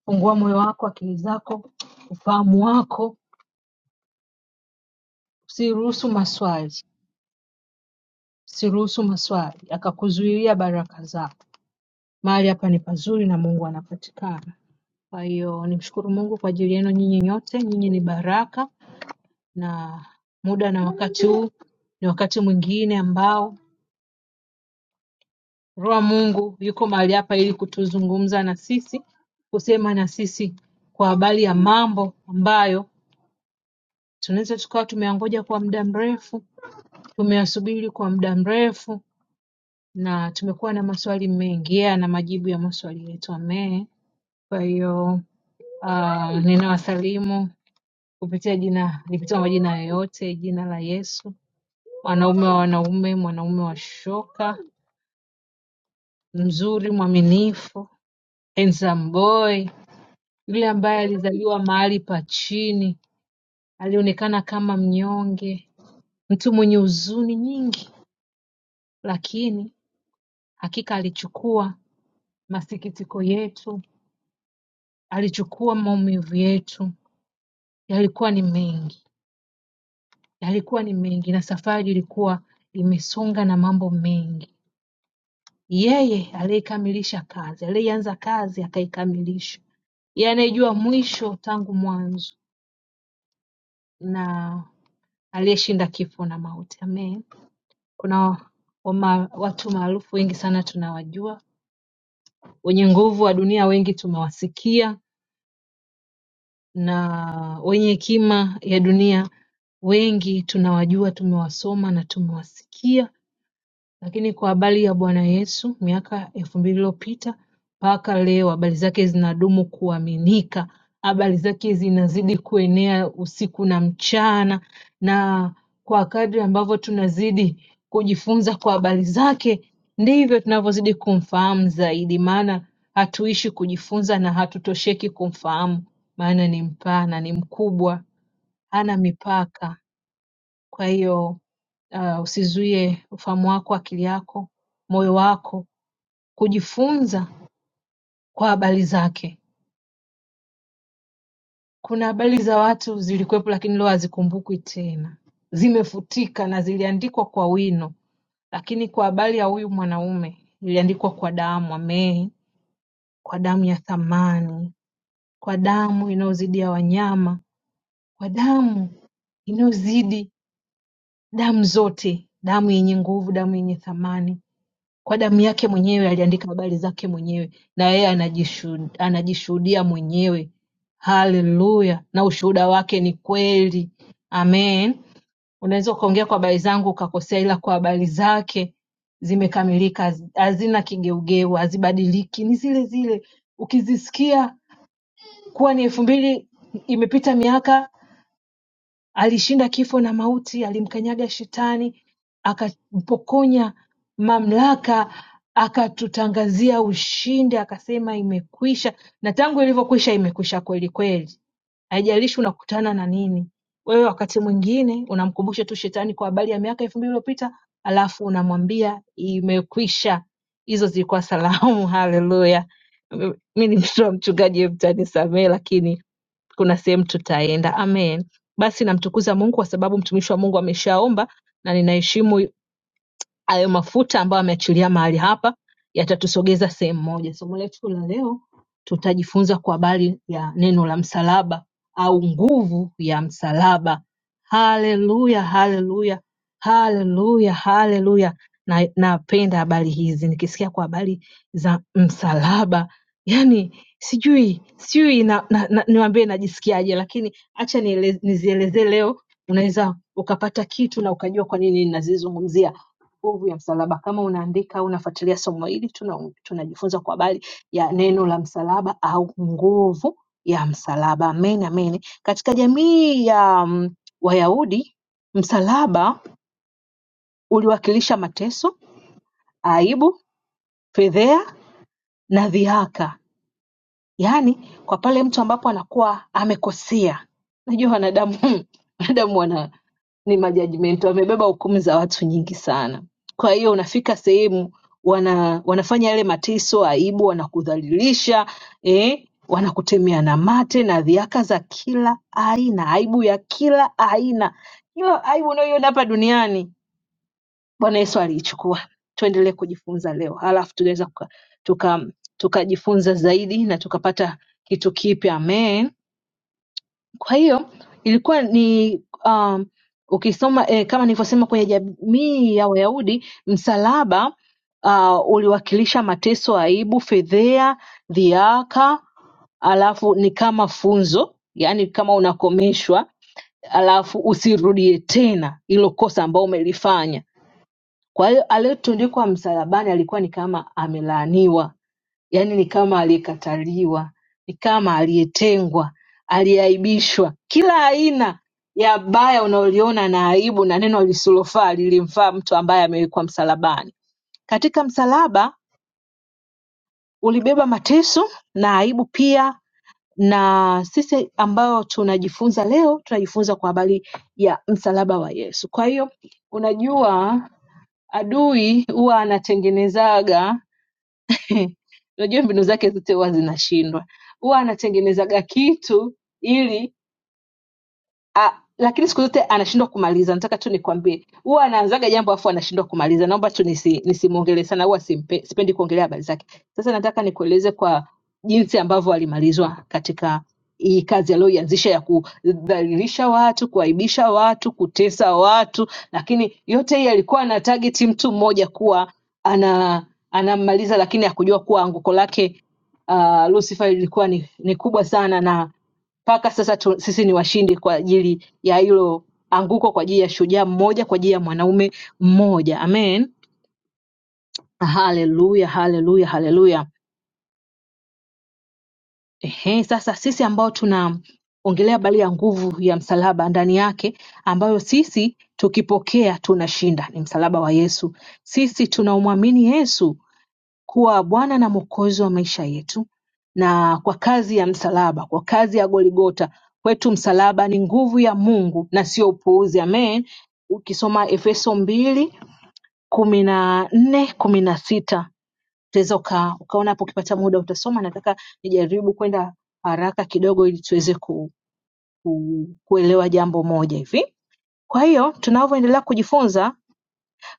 B: fungua moyo wako, akili zako, ufahamu wako Usiruhusu maswali, usiruhusu maswali akakuzuilia baraka zako. Mahali hapa ni pazuri na Mungu anapatikana. Kwa hiyo nimshukuru Mungu kwa ajili yenu nyinyi nyote, nyinyi ni baraka, na muda na wakati huu ni wakati mwingine ambao Roho wa Mungu yuko mahali hapa ili kutuzungumza na sisi, kusema na sisi kwa habari ya mambo ambayo tunaweza tukawa tumeyangoja kwa muda mrefu, tumeyasubiri kwa muda mrefu, na tumekuwa na maswali mengi yeye ana majibu ya maswali yetu amee. Kwa hiyo uh, ninawasalimu kupitia jina lipitwa majina yoyote, jina la Yesu, mwanaume wa wanaume, mwanaume wa shoka, mzuri, mwaminifu, handsome boy, yule ambaye alizaliwa mahali pa chini, alionekana kama mnyonge, mtu mwenye huzuni nyingi, lakini hakika alichukua masikitiko yetu Alichukua maumivu yetu, yalikuwa ni mengi, yalikuwa ni mengi, na safari ilikuwa imesonga na mambo mengi. Yeye aliyekamilisha kazi, aliyeanza kazi akaikamilisha, yeye anayejua mwisho tangu mwanzo, na aliyeshinda kifo na mauti. Amen. Kuna wama, watu maarufu wengi sana tunawajua, wenye nguvu wa dunia wengi tumewasikia na wenye hekima ya dunia wengi tunawajua tumewasoma na tumewasikia lakini kwa habari ya Bwana Yesu miaka elfu mbili iliyopita mpaka leo habari zake zinadumu kuaminika, habari zake zinazidi kuenea usiku na mchana, na kwa kadri ambavyo tunazidi kujifunza kwa habari zake, ndivyo tunavyozidi kumfahamu zaidi, maana hatuishi kujifunza na hatutosheki kumfahamu, maana ni mpana, ni mkubwa, hana mipaka. Kwa hiyo uh, usizuie ufahamu wako, akili yako, moyo wako kujifunza kwa habari zake. Kuna habari za watu zilikuwepo, lakini leo hazikumbukwi tena, zimefutika na ziliandikwa kwa wino, lakini kwa habari ya huyu mwanaume iliandikwa kwa damu. Amen, kwa damu ya thamani, kwa damu inayozidi ya wanyama, kwa damu inayozidi damu zote, damu yenye nguvu, damu yenye thamani Kwa damu yake mwenyewe aliandika habari zake mwenyewe na yeye anajishu- anajishuhudia mwenyewe. Haleluya! Na ushuhuda wake ni kweli. Amen. Unaweza ukaongea kwa habari zangu ukakosea, ila kwa habari zake zimekamilika, haz- hazina kigeugeu, hazibadiliki, ni zile zile. Ukizisikia kuwa ni elfu mbili imepita miaka Alishinda kifo na mauti alimkanyaga Shetani akampokonya mamlaka akatutangazia ushindi akasema imekwisha na tangu ilivyokwisha imekwisha kweli kweli haijalishi unakutana na nini wewe wakati mwingine unamkumbusha tu shetani kwa habari ya miaka elfu mbili iliyopita alafu unamwambia imekwisha hizo zilikuwa salamu haleluya mi ni mtoto wa mchungaji mtanisamee lakini kuna sehemu tutaenda. Amen. Basi namtukuza Mungu kwa sababu mtumishi wa Mungu ameshaomba na ninaheshimu hayo mafuta ambayo ameachilia mahali hapa yatatusogeza sehemu moja. Somo letu la leo tutajifunza kwa habari ya neno la msalaba au nguvu ya msalaba. Haleluya, haleluya, haleluya, haleluya. Na napenda habari hizi, nikisikia kwa habari za msalaba yani sijui sijui na, na, na, niwaambie najisikiaje, lakini acha niele- nizielezee leo, unaweza ukapata kitu na ukajua kwa nini ninazizungumzia nguvu ya msalaba. Kama unaandika au unafuatilia somo hili, tuna- tunajifunza kwa habari ya neno la msalaba au nguvu ya msalaba. Amen, amen. Katika jamii ya mm, Wayahudi, msalaba uliwakilisha mateso, aibu, fedheha na dhihaka Yaani kwa pale mtu ambapo anakuwa amekosea. Najua wanadamu wanadamu wana ni majajmento, wamebeba hukumu za watu nyingi sana. Kwa hiyo unafika sehemu wana, wanafanya yale mateso, aibu, wanakudhalilisha eh, wanakutemea na mate na dhihaka za kila aina, aibu ya kila aina, kila aibu unayoiona hapa duniani Bwana Yesu aliichukua. Tuendelee kujifunza leo, halafu tunaweza tukajifunza tuka, tukajifunza zaidi na tukapata kitu kipya. Amen. Kwa hiyo ilikuwa ni um, ukisoma eh, kama nilivyosema kwenye jamii ya Wayahudi msalaba uh, uliwakilisha mateso, aibu, fedhea, dhiaka, alafu ni kama funzo, yaani kama unakomeshwa, alafu usirudie tena hilo kosa ambao umelifanya kwa hiyo aliyetundikwa msalabani alikuwa ni kama amelaaniwa, yaani ni kama aliyekataliwa, ni kama aliyetengwa, aliyeaibishwa. Kila aina ya baya unaoliona na aibu na neno lisilofaa lilimfaa mtu ambaye amewekwa msalabani. Katika msalaba ulibeba mateso na aibu pia, na sisi ambayo tunajifunza leo tunajifunza kwa habari ya msalaba wa Yesu. Kwa hiyo unajua, adui huwa anatengenezaga Unajua mbinu zake zote huwa zinashindwa. Huwa anatengenezaga kitu ili Ah, lakini siku zote anashindwa kumaliza. Nataka tu nikwambie, huwa anaanzaga jambo afu anashindwa kumaliza. Naomba tu nisi, nisimwongelee sana, huwa simpe, sipendi kuongelea habari zake. Sasa nataka nikueleze kwa jinsi ambavyo alimalizwa katika hii kazi aliyoianzisha ya kudhalilisha watu, kuaibisha watu, kutesa watu, lakini yote hii alikuwa ana target mtu mmoja kuwa ana anammaliza, lakini hakujua kuwa anguko lake uh, Lucifer ilikuwa ni, ni kubwa sana na mpaka sasa tu, sisi ni washindi kwa ajili ya hilo anguko, kwa ajili ya shujaa mmoja, kwa ajili ya mwanaume mmoja. Amen. Haleluya, haleluya, haleluya. Ehe, sasa sisi ambao tunaongelea habari ya nguvu ya msalaba ndani yake, ambayo sisi tukipokea tunashinda, ni msalaba wa Yesu. Sisi tunaumwamini Yesu, kuwa Bwana na Mwokozi wa maisha yetu, na kwa kazi ya msalaba, kwa kazi ya Goligota kwetu msalaba ni nguvu ya Mungu na sio upuuzi. Amen. Ukisoma Efeso mbili kumi na nne kumi na sita utaweza uka, ukaona hapo, ukipata muda utasoma. Nataka nijaribu kwenda haraka kidogo ili tuweze ku, ku, kuelewa jambo moja hivi. Kwa hiyo tunavyoendelea kujifunza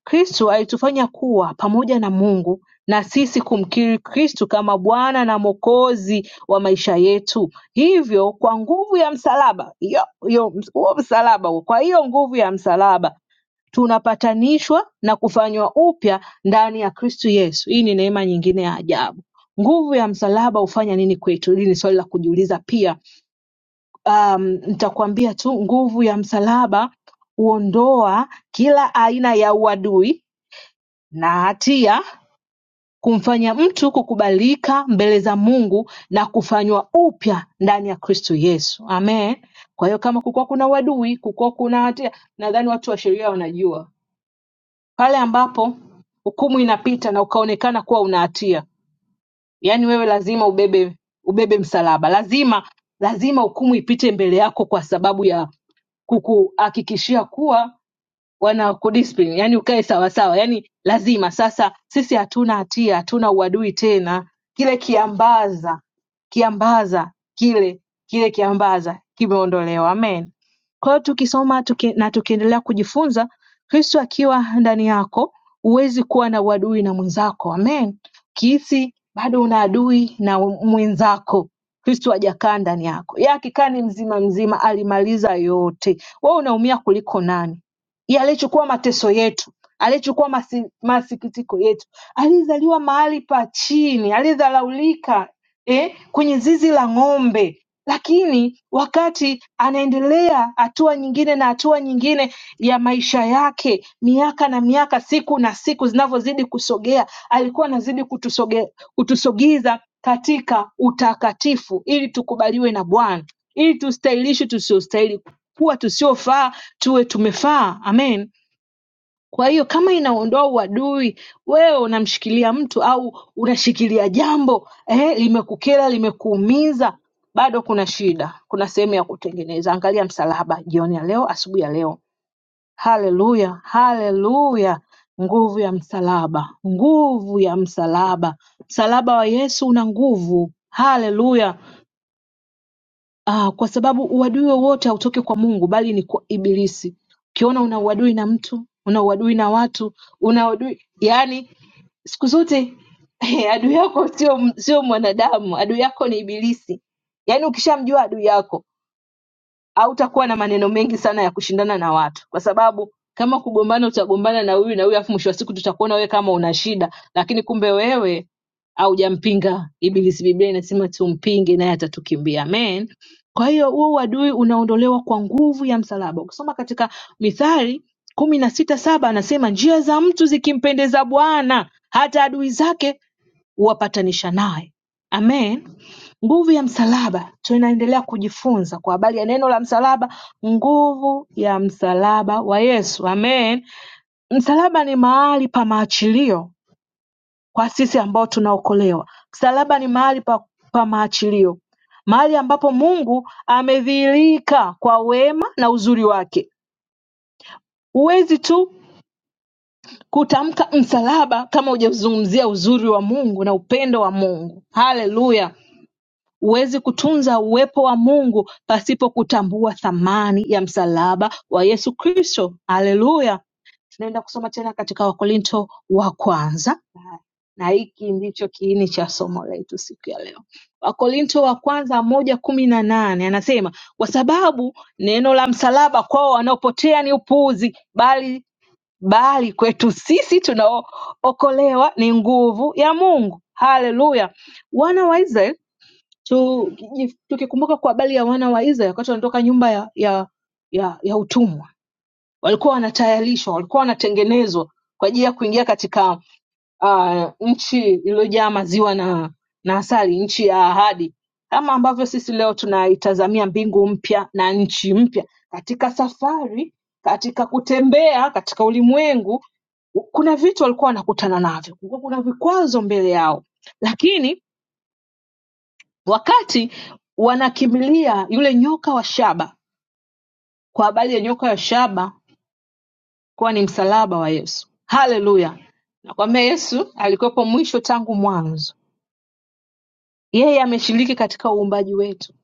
B: Kristo alitufanya kuwa pamoja na Mungu na sisi kumkiri Kristo kama Bwana na Mwokozi wa maisha yetu. Hivyo kwa nguvu ya msalaba, hiyo hiyo huo msalaba huo, kwa hiyo nguvu ya msalaba tunapatanishwa na kufanywa upya ndani ya Kristo Yesu. Hii ni neema nyingine ya ajabu. Nguvu ya msalaba hufanya nini kwetu? Hili ni swali la kujiuliza pia. Um, nitakuambia tu nguvu ya msalaba huondoa kila aina ya uadui na hatia kumfanya mtu kukubalika mbele za Mungu na kufanywa upya ndani ya Kristo Yesu. Amen. Kwa hiyo kama kukuwa kuna uadui, kukuwa kuna hatia, nadhani watu wa sheria wanajua pale ambapo hukumu inapita na ukaonekana kuwa una hatia, yaani wewe lazima ubebe ubebe msalaba, lazima lazima hukumu ipite mbele yako kwa sababu ya kukuhakikishia kuwa wanakudiscipline yani ukae sawa sawa yani lazima sasa sisi hatuna hatia hatuna uadui tena kile kiambaza kiambaza kile kile kiambaza kimeondolewa amen kwa hiyo tukisoma tuki, na tukiendelea kujifunza, Kristo akiwa ndani yako, huwezi kuwa na uadui na mwenzako. Amen. Ukihisi bado una adui na mwenzako, Kristo hajakaa ndani yako. Yeye akikaa ni mzima mzima, alimaliza yote. Wewe unaumia kuliko nani? Yeye aliyechukua mateso yetu, aliyechukua masi, masikitiko yetu, aliyezaliwa mahali pa chini, aliyedharaulika, eh, kwenye zizi la ng'ombe. Lakini wakati anaendelea hatua nyingine na hatua nyingine ya maisha yake, miaka na miaka, siku na siku zinavyozidi kusogea, alikuwa anazidi kutusoge, kutusogeza katika utakatifu ili tukubaliwe na Bwana, ili tustahilishwe tusiostahili, kuwa tusiofaa tuwe tumefaa. Amen. Kwa hiyo kama inaondoa uadui, wewe unamshikilia mtu au unashikilia jambo eh, limekukera limekuumiza, bado kuna shida, kuna sehemu ya kutengeneza. Angalia msalaba jioni ya leo, asubuhi ya leo. Haleluya, haleluya! Nguvu ya msalaba, nguvu ya msalaba. Msalaba wa Yesu una nguvu. Haleluya! Ah, kwa sababu uadui wowote hautoki kwa Mungu bali ni kwa Ibilisi. Ukiona una uadui na mtu, una uadui na watu, una uadui yaani siku zote adui yako sio sio mwanadamu, adui yako ni Ibilisi. Yaani ukishamjua adui yako hautakuwa na maneno mengi sana ya kushindana na watu, kwa sababu kama kugombana, utagombana na huyu na huyu, afu mwisho wa siku tutakuona wewe kama una shida, lakini kumbe wewe haujampinga Ibilisi. Biblia inasema tumpinge naye atatukimbia. Amen. Kwa hiyo huo uadui unaondolewa kwa nguvu ya msalaba. Ukisoma katika Mithali kumi na sita saba anasema njia za mtu zikimpendeza Bwana, hata adui zake huwapatanisha naye. Amen. Nguvu ya msalaba, tunaendelea kujifunza kwa habari ya neno la msalaba, nguvu ya msalaba wa Yesu. Amen. Msalaba ni mahali pa maachilio kwa sisi ambao tunaokolewa. Msalaba ni mahali pa, pa maachilio, mahali ambapo Mungu amedhihirika kwa wema na uzuri wake. Huwezi tu kutamka msalaba kama hujazungumzia uzuri wa Mungu na upendo wa Mungu. Haleluya! Huwezi kutunza uwepo wa Mungu pasipo kutambua thamani ya msalaba wa Yesu Kristo. Haleluya! Tunaenda kusoma tena katika Wakorinto wa kwanza, na hiki ndicho kiini cha somo letu siku ya leo. Wakorinto wa kwanza moja kumi na nane anasema kwa sababu neno la msalaba kwao wanaopotea ni upuuzi, bali bali kwetu sisi tunaookolewa ni nguvu ya Mungu. Haleluya! Wana wa Israeli tu- kiji- Tukikumbuka kwa habari ya wana wa Israeli wakati wanatoka nyumba ya, ya, ya, ya utumwa, walikuwa wanatayarishwa, walikuwa wanatengenezwa kwa ajili ya kuingia katika uh, nchi iliyojaa maziwa na, na asali, nchi ya ahadi, kama ambavyo sisi leo tunaitazamia mbingu mpya na nchi mpya. Katika safari, katika kutembea katika ulimwengu, kuna vitu walikuwa wanakutana navyo, kulikuwa kuna vikwazo mbele yao, lakini Wakati wanakimbilia yule nyoka wa shaba kwa habari ya nyoka wa shaba kuwa ni msalaba wa Yesu. Haleluya! Nakwambia Yesu alikuwepo mwisho tangu mwanzo, yeye ameshiriki katika uumbaji wetu.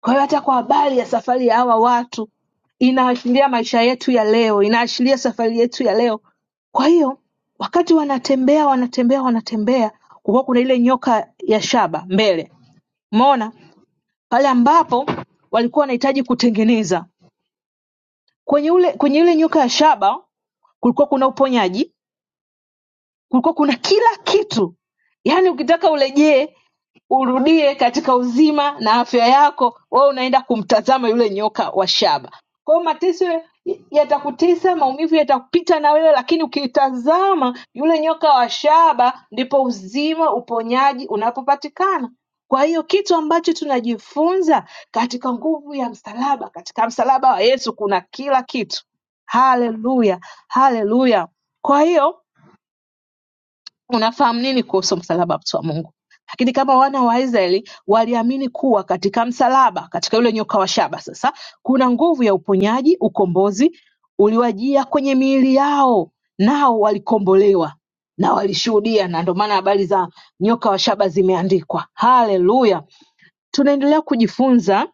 B: Kwa hiyo hata kwa habari ya safari ya hawa watu inaashiria maisha yetu ya leo, inaashiria safari yetu ya leo. Kwa hiyo wakati wanatembea wanatembea wanatembea, kulikuwa kuna ile nyoka ya shaba mbele, umeona pale ambapo walikuwa wanahitaji kutengeneza Kwenye yule nyoka wa shaba kulikuwa kuna uponyaji kulikuwa kuna kila kitu yaani ukitaka urejee urudie katika uzima na afya yako wewe unaenda kumtazama yule nyoka wa shaba kwa hiyo mateso yatakutesa maumivu yatakupita na wewe lakini ukitazama yule nyoka wa shaba ndipo uzima uponyaji unapopatikana kwa hiyo kitu ambacho tunajifunza katika nguvu ya msalaba katika msalaba wa yesu kuna kila kitu haleluya haleluya kwa hiyo Unafahamu nini kuhusu msalaba mtu wa Mungu? Lakini kama wana wa Israeli waliamini kuwa katika msalaba, katika yule nyoka wa shaba, sasa kuna nguvu ya uponyaji, ukombozi uliwajia kwenye miili yao, nao walikombolewa na walishuhudia, na ndio maana habari za nyoka wa shaba zimeandikwa. Haleluya! Tunaendelea kujifunza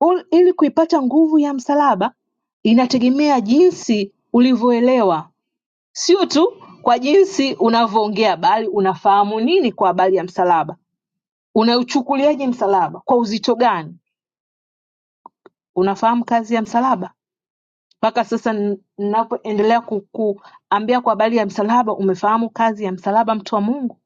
B: ul- ili kuipata nguvu ya msalaba, inategemea jinsi ulivyoelewa Sio tu kwa jinsi unavyoongea bali unafahamu nini kwa habari ya msalaba unauchukuliaje msalaba kwa uzito gani unafahamu kazi ya msalaba mpaka sasa n- ninapoendelea ku- kuambia kwa habari ya msalaba umefahamu kazi ya msalaba mtu wa mungu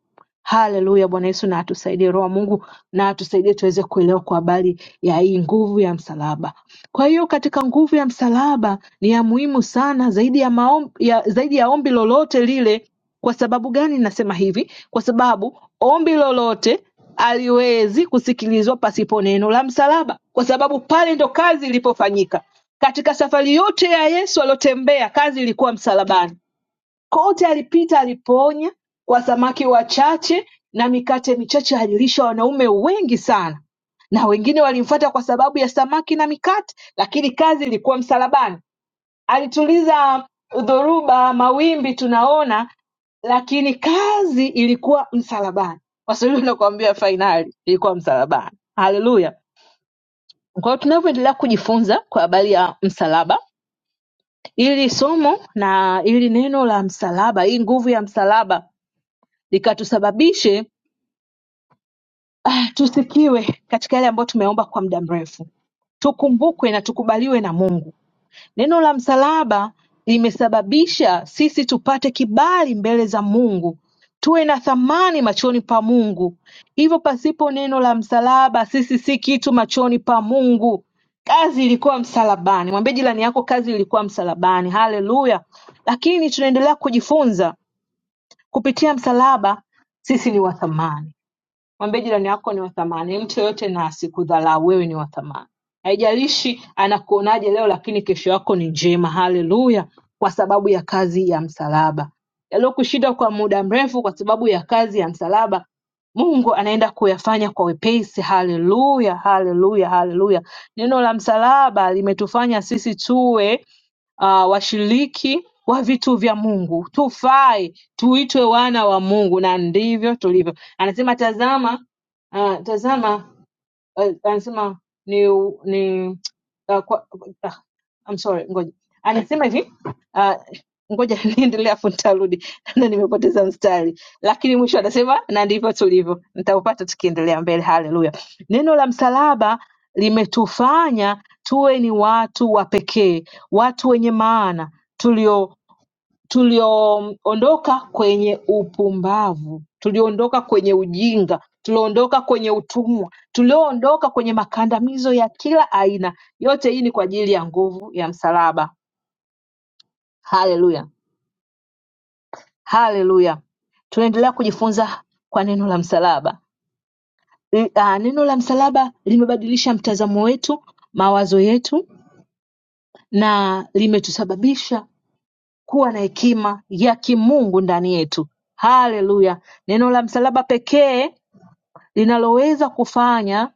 B: Haleluya! Bwana Yesu na atusaidie, Roho wa Mungu na atusaidie tuweze kuelewa kwa habari ya hii nguvu ya msalaba. Kwa hiyo katika nguvu ya msalaba ni ya muhimu sana zaidi ya, maom, ya, zaidi ya ombi lolote lile. Kwa sababu gani nasema hivi? Kwa sababu ombi lolote haliwezi kusikilizwa pasipo neno la msalaba, kwa sababu pale ndo kazi ilipofanyika. Katika safari yote ya Yesu aliyotembea, kazi ilikuwa msalabani. Kote alipita alipoonya kwa samaki wachache na mikate michache alilisha wanaume wengi sana na wengine walimfuata kwa sababu ya samaki na mikate, lakini kazi ilikuwa msalabani. Alituliza dhoruba, mawimbi tunaona, lakini kazi ilikuwa msalabani. Waswahili wanakuambia fainali ilikuwa msalabani. Haleluya! Kwa hiyo tunavyoendelea kujifunza kwa habari ya msalaba, ili somo na ili neno la msalaba, hii nguvu ya msalaba likatusababishe tusikiwe katika yale ambayo tumeomba kwa muda mrefu. Tukumbukwe na tukubaliwe na Mungu. Neno la msalaba limesababisha sisi tupate kibali mbele za Mungu, tuwe na thamani machoni pa Mungu. Hivyo pasipo neno la msalaba, sisi si kitu machoni pa Mungu. Kazi ilikuwa msalabani. Mwambie jirani yako, kazi ilikuwa msalabani. Haleluya! Lakini tunaendelea kujifunza kupitia msalaba, sisi ni wa thamani. Mwambie jirani yako ni wa thamani. Yaani Mtu yoyote na asikudharau, wewe ni wa thamani. Haijalishi anakuonaje leo, lakini kesho yako ni njema. Haleluya! Kwa sababu ya kazi ya msalaba, yaliyokushinda kwa muda mrefu, kwa sababu ya kazi ya msalaba, Mungu anaenda kuyafanya kwa wepesi. Haleluya, haleluya, haleluya! Neno la msalaba limetufanya sisi tuwe uh, washiriki wa vitu vya Mungu, tufae tuitwe wana wa Mungu, na ndivyo tulivyo anasema tazama uh, tazama uh, anasema ni ni uh, kwa, uh, I'm sorry ngoja anasema hivi uh, ngoja niendelea afu nitarudi na nimepoteza mstari lakini mwisho anasema na ndivyo tulivyo nitaupata tukiendelea mbele haleluya neno la msalaba limetufanya tuwe ni watu wa pekee watu wenye maana tulio tulioondoka kwenye upumbavu, tulioondoka kwenye ujinga, tulioondoka kwenye utumwa, tulioondoka kwenye makandamizo ya kila aina. Yote hii ni kwa ajili ya nguvu ya msalaba. Haleluya, haleluya. Tunaendelea kujifunza kwa neno la msalaba. L- ah, Neno la msalaba limebadilisha mtazamo wetu, mawazo yetu, na limetusababisha kuwa na hekima ya kimungu ndani yetu. Haleluya! Neno la msalaba pekee linaloweza kufanya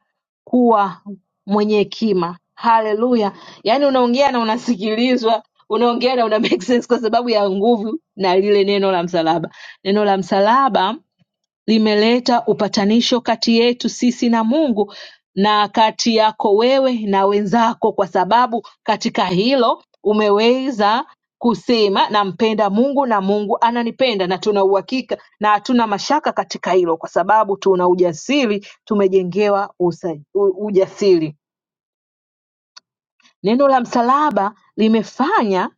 B: kuwa mwenye hekima. Haleluya! Yaani unaongea na unasikilizwa, unaongea na una make sense kwa sababu ya nguvu na lile neno la msalaba. Neno la msalaba limeleta upatanisho kati yetu sisi na Mungu na kati yako wewe na wenzako, kwa sababu katika hilo umeweza kusema nampenda Mungu na Mungu ananipenda, na tuna uhakika na hatuna mashaka katika hilo, kwa sababu tuna ujasiri, tumejengewa usa, u, ujasiri. Neno la msalaba limefanya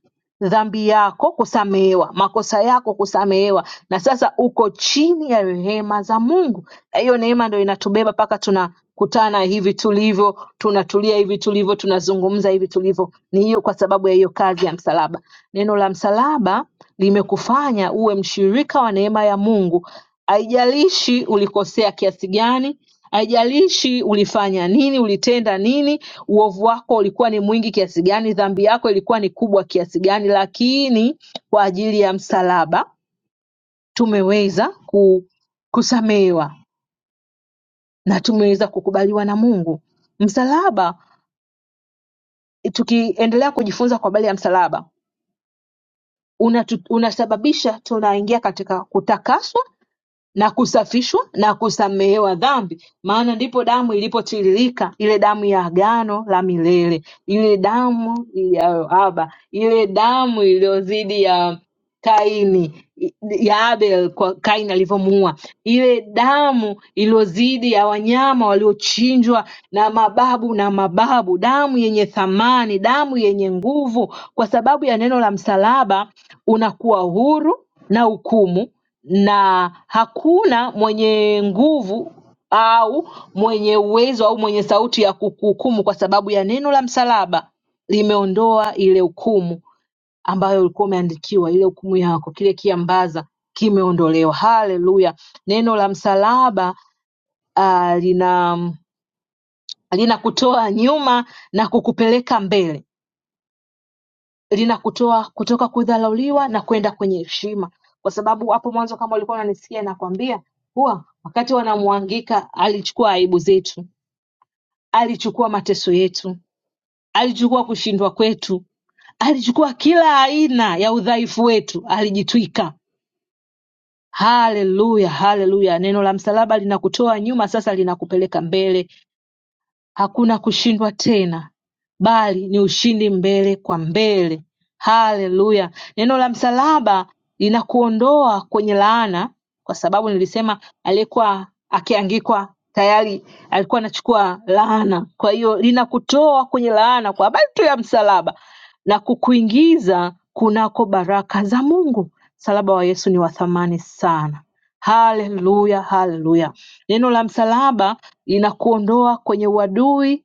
B: dhambi yako kusamehewa, makosa yako kusamehewa, na sasa uko chini ya rehema za Mungu. Na hiyo neema ndio inatubeba mpaka tunakutana hivi tulivyo, tunatulia hivi tulivyo, tunazungumza hivi tulivyo. Ni hiyo kwa sababu ya hiyo kazi ya msalaba. Neno la msalaba limekufanya uwe mshirika wa neema ya Mungu. Haijalishi ulikosea kiasi gani, Haijalishi ulifanya nini ulitenda nini uovu wako ulikuwa ni mwingi kiasi gani dhambi yako ilikuwa ni kubwa kiasi gani lakini kwa ajili ya msalaba tumeweza ku, kusamehewa na tumeweza kukubaliwa na Mungu. Msalaba tukiendelea kujifunza kwa habari ya msalaba unatu, unasababisha tunaingia katika kutakaswa na kusafishwa na kusamehewa dhambi maana ndipo damu ilipotiririka ile damu ya agano la milele ile damu ya Haba ile damu iliyo dhidi ya Kaini ya Abel kwa Kaini alivyomuua, ile damu iliyozidi ya wanyama waliochinjwa na mababu na mababu, damu yenye thamani, damu yenye nguvu. Kwa sababu ya neno la msalaba, unakuwa huru na hukumu, na hakuna mwenye nguvu au mwenye uwezo au mwenye sauti ya kukuhukumu, kwa sababu ya neno la msalaba limeondoa ile hukumu ambayo ulikuwa umeandikiwa, ile hukumu yako, kile kiambaza kimeondolewa. Haleluya! Neno la msalaba ah, lina linakutoa nyuma na kukupeleka mbele, linakutoa kutoka kudharauliwa na kwenda kwenye heshima, kwa sababu hapo mwanzo, kama ulikuwa unanisikia, nakwambia kuwa wakati wanamwangika alichukua aibu zetu, alichukua mateso yetu, alichukua kushindwa kwetu, alichukua kila aina ya udhaifu wetu, alijitwika Hallelujah hallelujah neno la msalaba linakutoa nyuma sasa linakupeleka mbele hakuna kushindwa tena bali ni ushindi mbele kwa mbele haleluya neno la msalaba linakuondoa kwenye laana kwa sababu nilisema aliyekuwa akiangikwa tayari alikuwa anachukua laana kwa hiyo linakutoa kwenye laana kwa habari tu ya msalaba na kukuingiza kunako baraka za mungu msalaba wa yesu ni wa thamani sana Haleluya, haleluya! Neno la msalaba linakuondoa kwenye uadui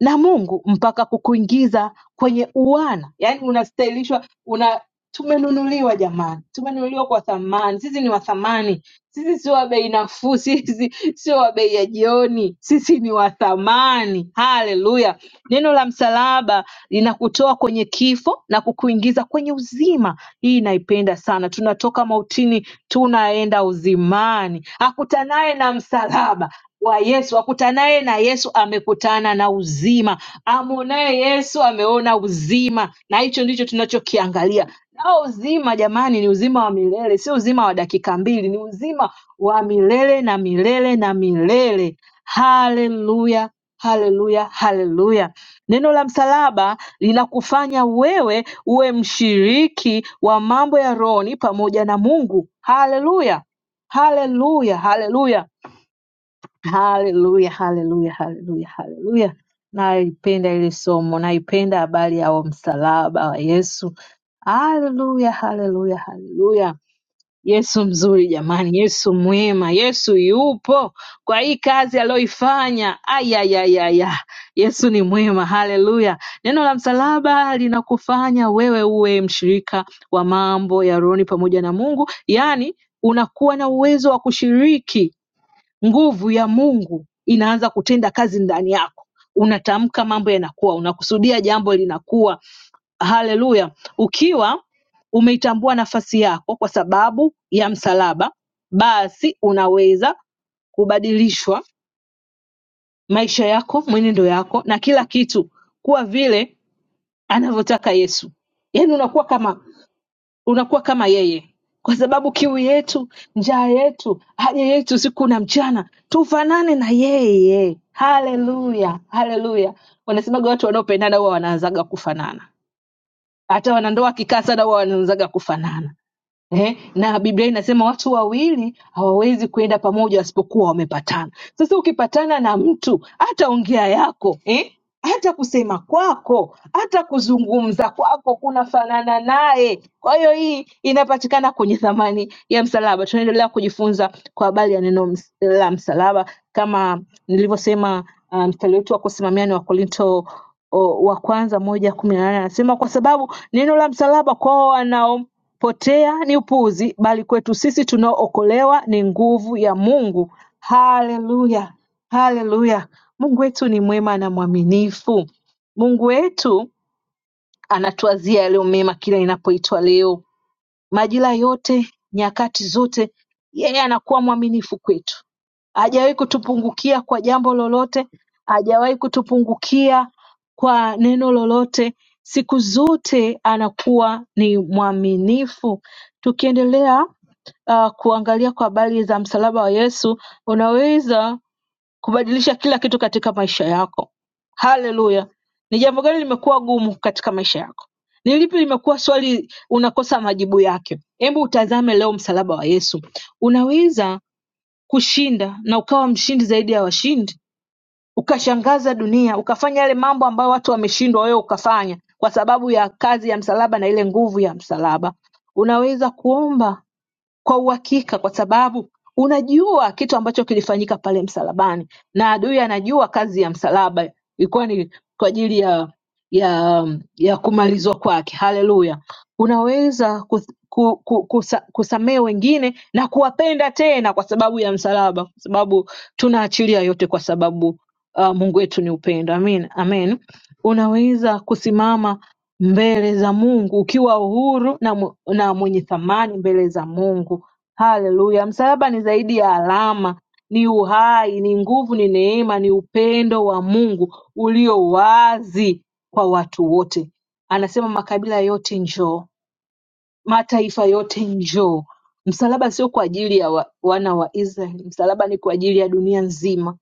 B: na Mungu mpaka kukuingiza kwenye uwana, yaani unastahilishwa una tumenunuliwa jamani, tumenunuliwa kwa thamani. Sisi ni wa thamani, sisi sio wa bei nafuu, sisi sio wa bei ya jioni, sisi ni wa thamani. Haleluya! Neno la msalaba linakutoa kwenye kifo na kukuingiza kwenye uzima. Hii naipenda sana. Tunatoka mautini tunaenda uzimani, hakutanaye na msalaba wa Yesu. Akutanaye na Yesu amekutana na uzima, amwonaye Yesu ameona uzima, na hicho ndicho tunachokiangalia. Nao uzima jamani, ni uzima wa milele, sio uzima wa dakika mbili, ni uzima wa milele na milele na milele. Haleluya, haleluya, haleluya! Neno la msalaba linakufanya wewe uwe mshiriki wa mambo ya rohoni pamoja na Mungu. Haleluya, haleluya, haleluya! Haleluya, haleluya, haleluya, haleluya. Naipenda ile somo, naipenda habari ya huo msalaba wa Yesu. Haleluya, haleluya, haleluya. Yesu mzuri jamani, Yesu mwema, Yesu yupo kwa hii kazi aliyoifanya. Ayayayaya, Yesu ni mwema, haleluya. Neno la msalaba linakufanya wewe uwe mshirika wa mambo ya rohoni pamoja na Mungu, yaani unakuwa na uwezo wa kushiriki Nguvu ya Mungu inaanza kutenda kazi ndani yako. Unatamka mambo yanakuwa, unakusudia jambo linakuwa. Haleluya! Ukiwa umeitambua nafasi yako kwa sababu ya msalaba, basi unaweza kubadilishwa maisha yako, mwenendo yako na kila kitu kuwa vile anavyotaka Yesu. Yaani unakuwa kama unakuwa kama yeye kwa sababu kiu yetu njaa yetu haja yetu siku na mchana tufanane na yeye haleluya haleluya wanasemaga watu wanaopendana huwa wanaanzaga kufanana hata wanandoa akikaa sana huwa wanaanzaga kufanana Eh, na Biblia inasema watu wawili hawawezi kwenda pamoja wasipokuwa wamepatana. Sasa ukipatana na mtu, hata ongea yako eh, hata kusema kwako, hata kuzungumza kwako kunafanana naye. Kwa hiyo hii inapatikana kwenye thamani ya msalaba. Tunaendelea kujifunza kwa habari ya neno ms- la msalaba, kama nilivyosema. Uh, mstari wetu wa kusimamia ni Wakorinto o, wa kwanza moja kumi na nane anasema kwa sababu neno la msalaba kwao wanao potea ni upuzi bali kwetu sisi tunaookolewa ni nguvu ya Mungu haleluya haleluya Mungu wetu ni mwema na mwaminifu Mungu wetu anatuwazia yaliyo mema kila inapoitwa leo Majira yote nyakati zote yeye anakuwa mwaminifu kwetu hajawahi kutupungukia kwa jambo lolote hajawahi kutupungukia kwa neno lolote siku zote anakuwa ni mwaminifu tukiendelea uh, kuangalia kwa habari za msalaba wa yesu unaweza kubadilisha kila kitu katika maisha yako. Haleluya! Ni jambo gani limekuwa gumu katika maisha yako? Ni lipi limekuwa swali unakosa majibu yake? Hebu utazame leo msalaba wa Yesu. Unaweza kushinda na ukawa mshindi zaidi ya washindi, ukashangaza dunia, ukafanya yale mambo ambayo watu wameshindwa, wewe ukafanya kwa sababu ya kazi ya msalaba na ile nguvu ya msalaba. Unaweza kuomba kwa uhakika kwa sababu unajua kitu ambacho kilifanyika pale msalabani na adui anajua kazi ya msalaba ilikuwa ni kwa ajili ya ya ya kumalizwa kwake haleluya unaweza kus- ku- ku- kusa- kusamehe wengine na kuwapenda tena kwa sababu ya msalaba kwa sababu tunaachilia yote kwa sababu uh, mungu wetu ni upendo amen amen unaweza kusimama mbele za Mungu ukiwa huru na mwe- na mwenye thamani mbele za Mungu. Haleluya! Msalaba ni zaidi ya alama, ni uhai, ni nguvu, ni neema, ni upendo wa Mungu ulio wazi kwa watu wote. Anasema makabila yote njoo, mataifa yote njoo. Msalaba sio kwa ajili ya wa, wana wa Israeli, msalaba ni kwa ajili ya dunia nzima.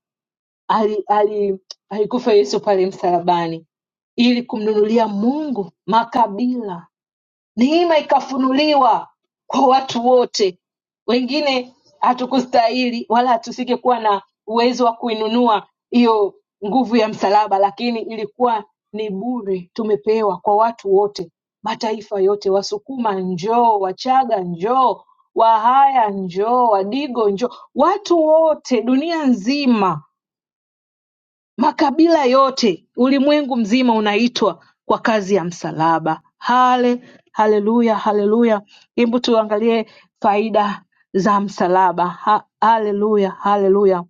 B: Ali, ali, alikufa Yesu pale msalabani ili kumnunulia Mungu makabila Neema ikafunuliwa kwa watu wote. Wengine hatukustahili wala hatusingekuwa na uwezo wa kuinunua hiyo nguvu ya msalaba, lakini ilikuwa ni bure, tumepewa kwa watu wote, mataifa yote. Wasukuma njoo, Wachaga njoo, Wahaya njoo, Wadigo njoo, watu wote dunia nzima Makabila yote ulimwengu mzima unaitwa kwa kazi ya msalaba hale haleluya haleluya hebu tuangalie faida za msalaba Ha- haleluya haleluya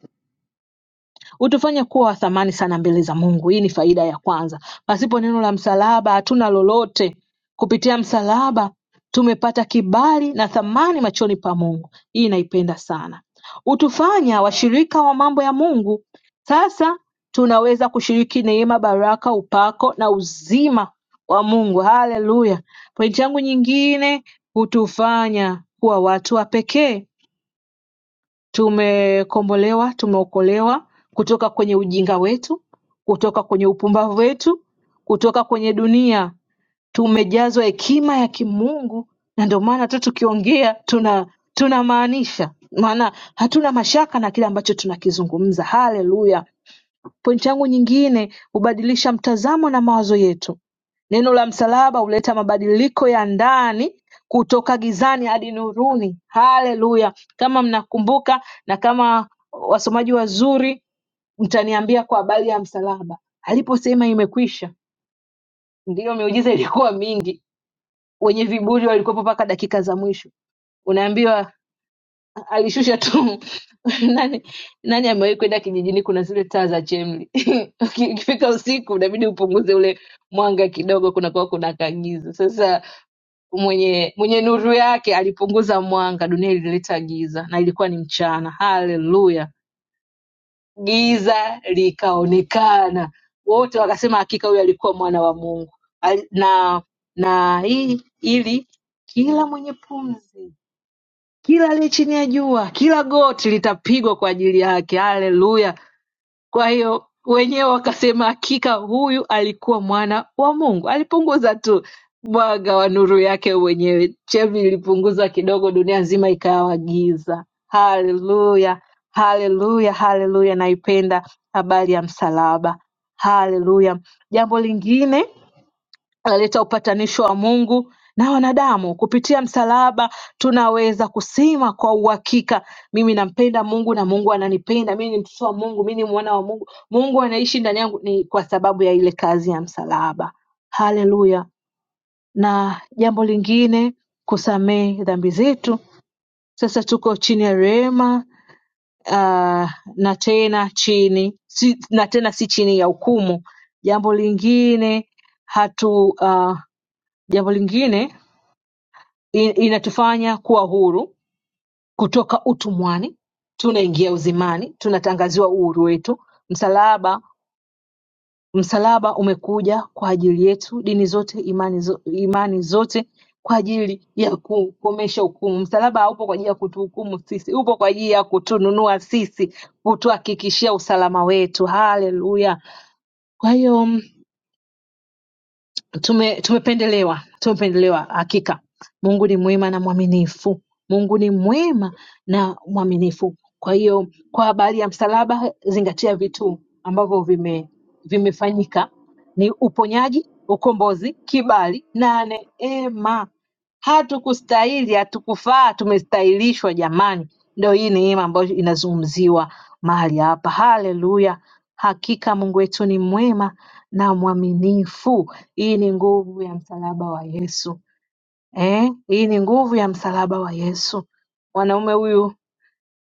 B: hutufanya kuwa wa thamani sana mbele za Mungu. Hii ni faida ya kwanza. Pasipo neno la msalaba hatuna lolote. Kupitia msalaba tumepata kibali na thamani machoni pa Mungu. Hii naipenda sana. Hutufanya washirika wa mambo ya Mungu. Sasa tunaweza kushiriki neema, baraka, upako na uzima wa Mungu. Haleluya! Pointi yangu nyingine, hutufanya kuwa watu wa pekee Tumekombolewa tumeokolewa kutoka kwenye ujinga wetu, kutoka kwenye upumbavu wetu, kutoka kwenye dunia. Tumejazwa hekima ya Kimungu, na ndio maana hata tukiongea tuna tunamaanisha, maana hatuna mashaka na kile ambacho tunakizungumza. Haleluya! Pointi yangu nyingine hubadilisha mtazamo na mawazo yetu Neno la msalaba huleta mabadiliko ya ndani kutoka gizani hadi nuruni. Haleluya! Kama mnakumbuka na kama wasomaji wazuri, mtaniambia kwa habari ya msalaba. Aliposema imekwisha, ndiyo miujiza ilikuwa mingi. Wenye viburi walikuwepo mpaka dakika za mwisho. Unaambiwa alishusha tu nani nani amewahi kwenda kijijini kuna zile taa za chemli Uki- ukifika usiku inabidi upunguze ule mwanga kidogo kunakuwa kuna kagiza sasa mwenye mwenye nuru yake alipunguza mwanga dunia ilileta giza na ilikuwa ni mchana haleluya giza likaonekana wote wakasema hakika huyu alikuwa mwana wa mungu Al- na na hii ili kila mwenye pumzi kila aliye chini ya jua, kila goti litapigwa kwa ajili yake. Haleluya! Kwa hiyo wenyewe wakasema, hakika huyu alikuwa mwana wa Mungu. Alipunguza tu mwanga wa nuru yake mwenyewe. Chemvi ilipunguzwa kidogo, dunia nzima ikawa giza. Haleluya, haleluya, haleluya! Naipenda habari ya msalaba. Haleluya! Jambo lingine alileta upatanisho wa Mungu na wanadamu. Kupitia msalaba tunaweza kusema kwa uhakika, mimi nampenda Mungu na Mungu ananipenda, mimi ni mtoto wa Mungu, mimi ni mwana wa Mungu, Mungu anaishi ndani yangu, ni kwa sababu ya ile kazi ya msalaba. Haleluya! Na jambo lingine, kusamehe dhambi zetu. Sasa tuko chini ya rehema uh, na tena chini si, na tena si chini ya hukumu. Jambo lingine hatu uh, Jambo lingine inatufanya kuwa huru kutoka utumwani, tunaingia uzimani, tunatangaziwa uhuru wetu. Msalaba msalaba umekuja kwa ajili yetu, dini zote, imani, zo, imani zote kwa ajili ya kukomesha hukumu. Msalaba haupo kwa ajili ya kutuhukumu sisi, upo kwa ajili ya kutununua sisi, kutuhakikishia usalama wetu. Haleluya! Kwa hiyo mm, tume, tumependelewa tumependelewa hakika mungu ni mwema na mwaminifu mungu ni mwema na mwaminifu kwa hiyo kwa habari ya msalaba zingatia vitu ambavyo vime vimefanyika ni uponyaji ukombozi kibali na neema hatukustahili hatukufaa tumestahilishwa jamani ndio hii neema ambayo inazungumziwa mahali hapa haleluya hakika mungu wetu ni mwema na mwaminifu hii ni nguvu ya msalaba wa Yesu eh, hii ni nguvu ya msalaba wa Yesu. Mwanaume huyu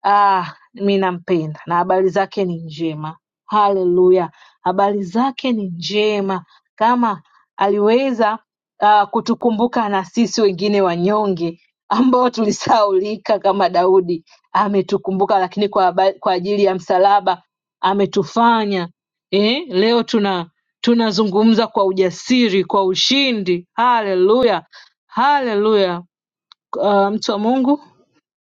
B: Ah, mi nampenda na habari zake ni njema. Haleluya, habari zake ni njema, kama aliweza ah, kutukumbuka na sisi wengine wanyonge ambao tulisahaulika kama Daudi. Ametukumbuka, lakini kwa, haba- kwa ajili ya msalaba ametufanya eh, leo tuna tunazungumza kwa ujasiri, kwa ushindi. Haleluya, haleluya, Ah, mtu wa Mungu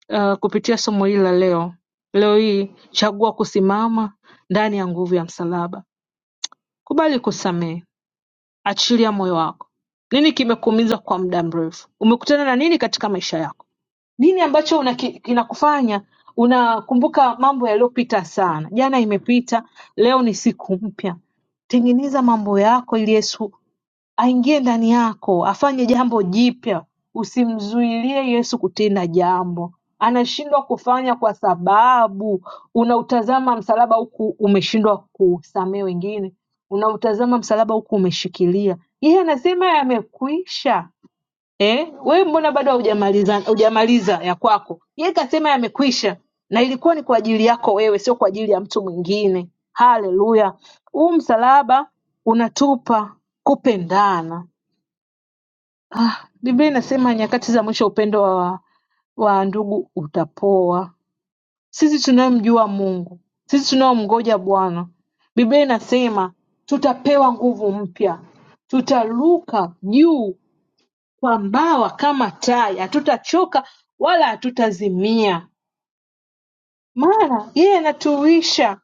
B: uh, kupitia somo hili la leo leo hii chagua kusimama ndani ya nguvu ya msalaba kubali kusamehe achilia moyo wako nini kimekuumiza kwa muda mrefu umekutana na nini katika maisha yako nini ambacho una ki- kinakufanya unakumbuka mambo yaliyopita sana jana imepita leo ni siku mpya tengeneza mambo yako ili yesu aingie ndani yako afanye jambo jipya Usimzuilie Yesu kutenda jambo anashindwa kufanya kwa sababu unautazama msalaba huku umeshindwa kusamehe wengine, unautazama msalaba huku umeshikilia. Yeye anasema yamekwisha eh, wewe mbona bado haujamaliza hujamaliza ya kwako? Yeye kasema yamekwisha, na ilikuwa ni kwa ajili yako wewe, sio kwa ajili ya mtu mwingine. Haleluya! Huu msalaba unatupa kupendana. Biblia inasema nyakati za mwisho upendo wa, wa ndugu utapoa. Sisi tunayomjua Mungu, sisi tunaomngoja Bwana, Biblia inasema tutapewa nguvu mpya, tutaruka juu kwa mbawa kama tai hatutachoka wala hatutazimia maana yeye anatuisha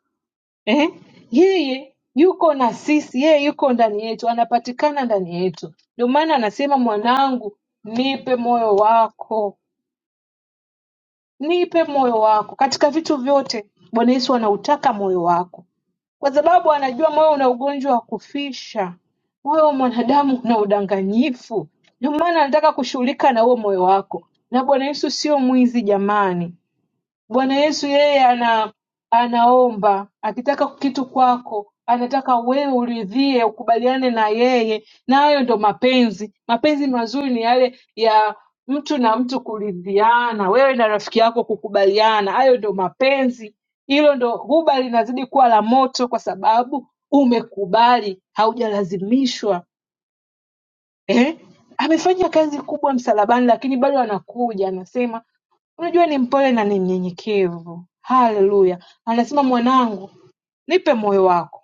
B: eh? yeye yuko na sisi yeye yuko ndani yetu anapatikana ndani yetu ndio maana anasema mwanangu nipe moyo wako nipe moyo wako katika vitu vyote bwana yesu anautaka moyo wako kwa sababu anajua moyo una ugonjwa wa kufisha. Moyo wa mwanadamu una udanganyifu. Ndio maana anataka kushughulika na huo moyo wako. Na Bwana Yesu sio mwizi jamani. Bwana Yesu yeye ana anaomba akitaka kitu kwako anataka wewe uridhie ukubaliane na yeye na hayo ndo mapenzi mapenzi mazuri ni yale ya mtu na mtu kuridhiana wewe na rafiki yako kukubaliana hayo ndo mapenzi hilo ndo huba linazidi kuwa la moto kwa sababu umekubali haujalazimishwa eh? amefanya kazi kubwa msalabani lakini bado anakuja anasema Unajua ni mpole na ni mnyenyekevu. Haleluya. Anasema mwanangu, nipe moyo wako.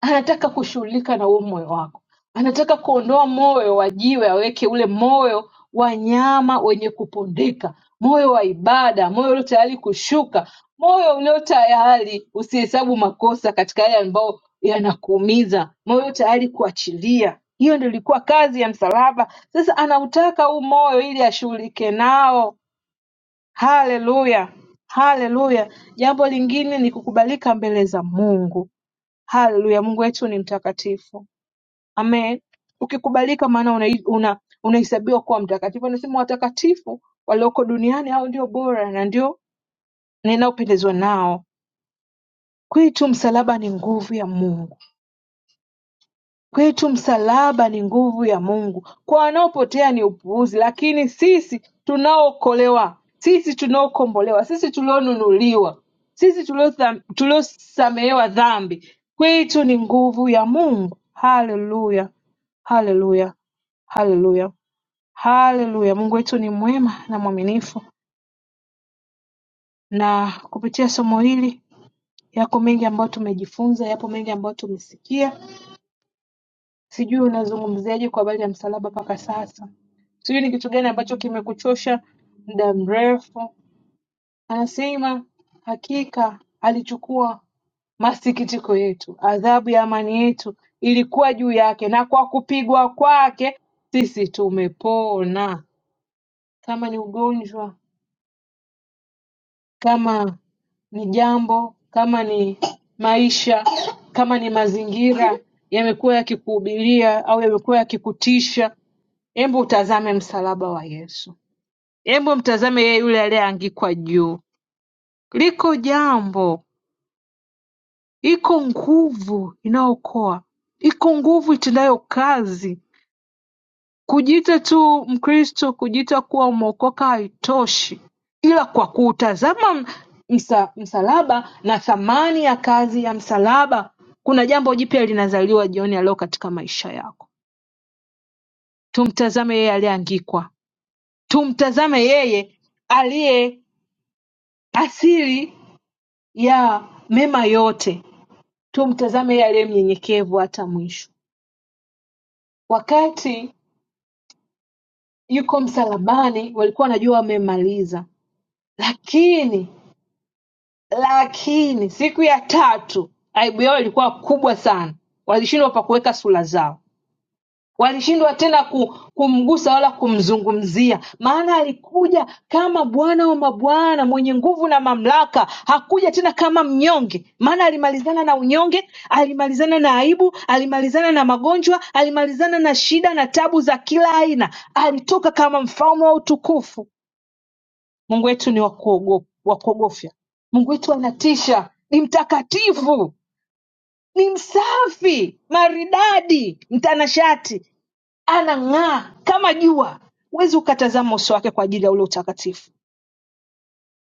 B: Anataka kushughulika na huo moyo wako. Anataka kuondoa moyo wa jiwe aweke ule moyo wa nyama wenye kupondeka, moyo wa ibada, moyo ulio tayari kushuka, moyo ulio tayari usihesabu makosa katika yale ambayo yanakuumiza, moyo ulio tayari kuachilia. Hiyo ndio ilikuwa kazi ya msalaba. Sasa anautaka huu moyo ili ashughulike nao Haleluya, haleluya! Jambo lingine ni kukubalika mbele za Mungu. Haleluya, Mungu wetu ni mtakatifu. Amen. Ukikubalika maana unahi- una- unahesabiwa kuwa mtakatifu. Anasema watakatifu walioko duniani hao ndio bora na ndio ninaopendezwa nao. Kwetu msalaba ni nguvu ya Mungu. Kwetu msalaba ni nguvu ya Mungu kwa wanaopotea ni upuuzi lakini sisi tunaookolewa sisi tunaokombolewa sisi tulionunuliwa sisi tuliotha- tuliosamehewa dhambi kwetu ni nguvu ya Mungu haleluya haleluya haleluya haleluya Mungu wetu ni mwema na mwaminifu na kupitia somo hili yako mengi ambayo tumejifunza yapo mengi ambayo tumesikia sijui unazungumziaje kwa habari ya msalaba mpaka sasa sijui ni kitu gani ambacho kimekuchosha muda mrefu anasema hakika alichukua masikitiko yetu adhabu ya amani yetu ilikuwa juu yake na kwa kupigwa kwake sisi tumepona kama ni ugonjwa kama ni jambo kama ni maisha kama ni mazingira yamekuwa yakikuhubiria au yamekuwa yakikutisha Hebu utazame msalaba wa Yesu. Hebu mtazame yeye yule aliyeangikwa juu. Liko jambo, iko nguvu inayookoa, iko nguvu itendayo kazi. Kujiita tu Mkristo, kujiita kuwa umeokoka haitoshi, ila kwa kuutazama msa, msalaba na thamani ya kazi ya msalaba, kuna jambo jipya linazaliwa jioni ya leo katika maisha yako. Tumtazame yeye aliyeangikwa, tumtazame yeye aliye asili ya mema yote Tumtazame yeye aliye mnyenyekevu hata mwisho. Wakati yuko msalabani, walikuwa wanajua wamemaliza, lakini lakini siku ya tatu aibu yao ilikuwa kubwa sana, walishindwa pa kuweka sura zao. Walishindwa tena ku- kumgusa wala kumzungumzia, maana alikuja kama Bwana wa mabwana mwenye nguvu na mamlaka. Hakuja tena kama mnyonge, maana alimalizana na unyonge, alimalizana na aibu, alimalizana na magonjwa, alimalizana na shida na tabu za kila aina. Alitoka kama mfalme wa utukufu. Mungu wetu ni wa kuogo- wa kuogofya. Mungu wetu anatisha, ni mtakatifu, ni msafi, maridadi, mtanashati anang'aa kama jua, huwezi ukatazama uso wake kwa ajili ya ule utakatifu.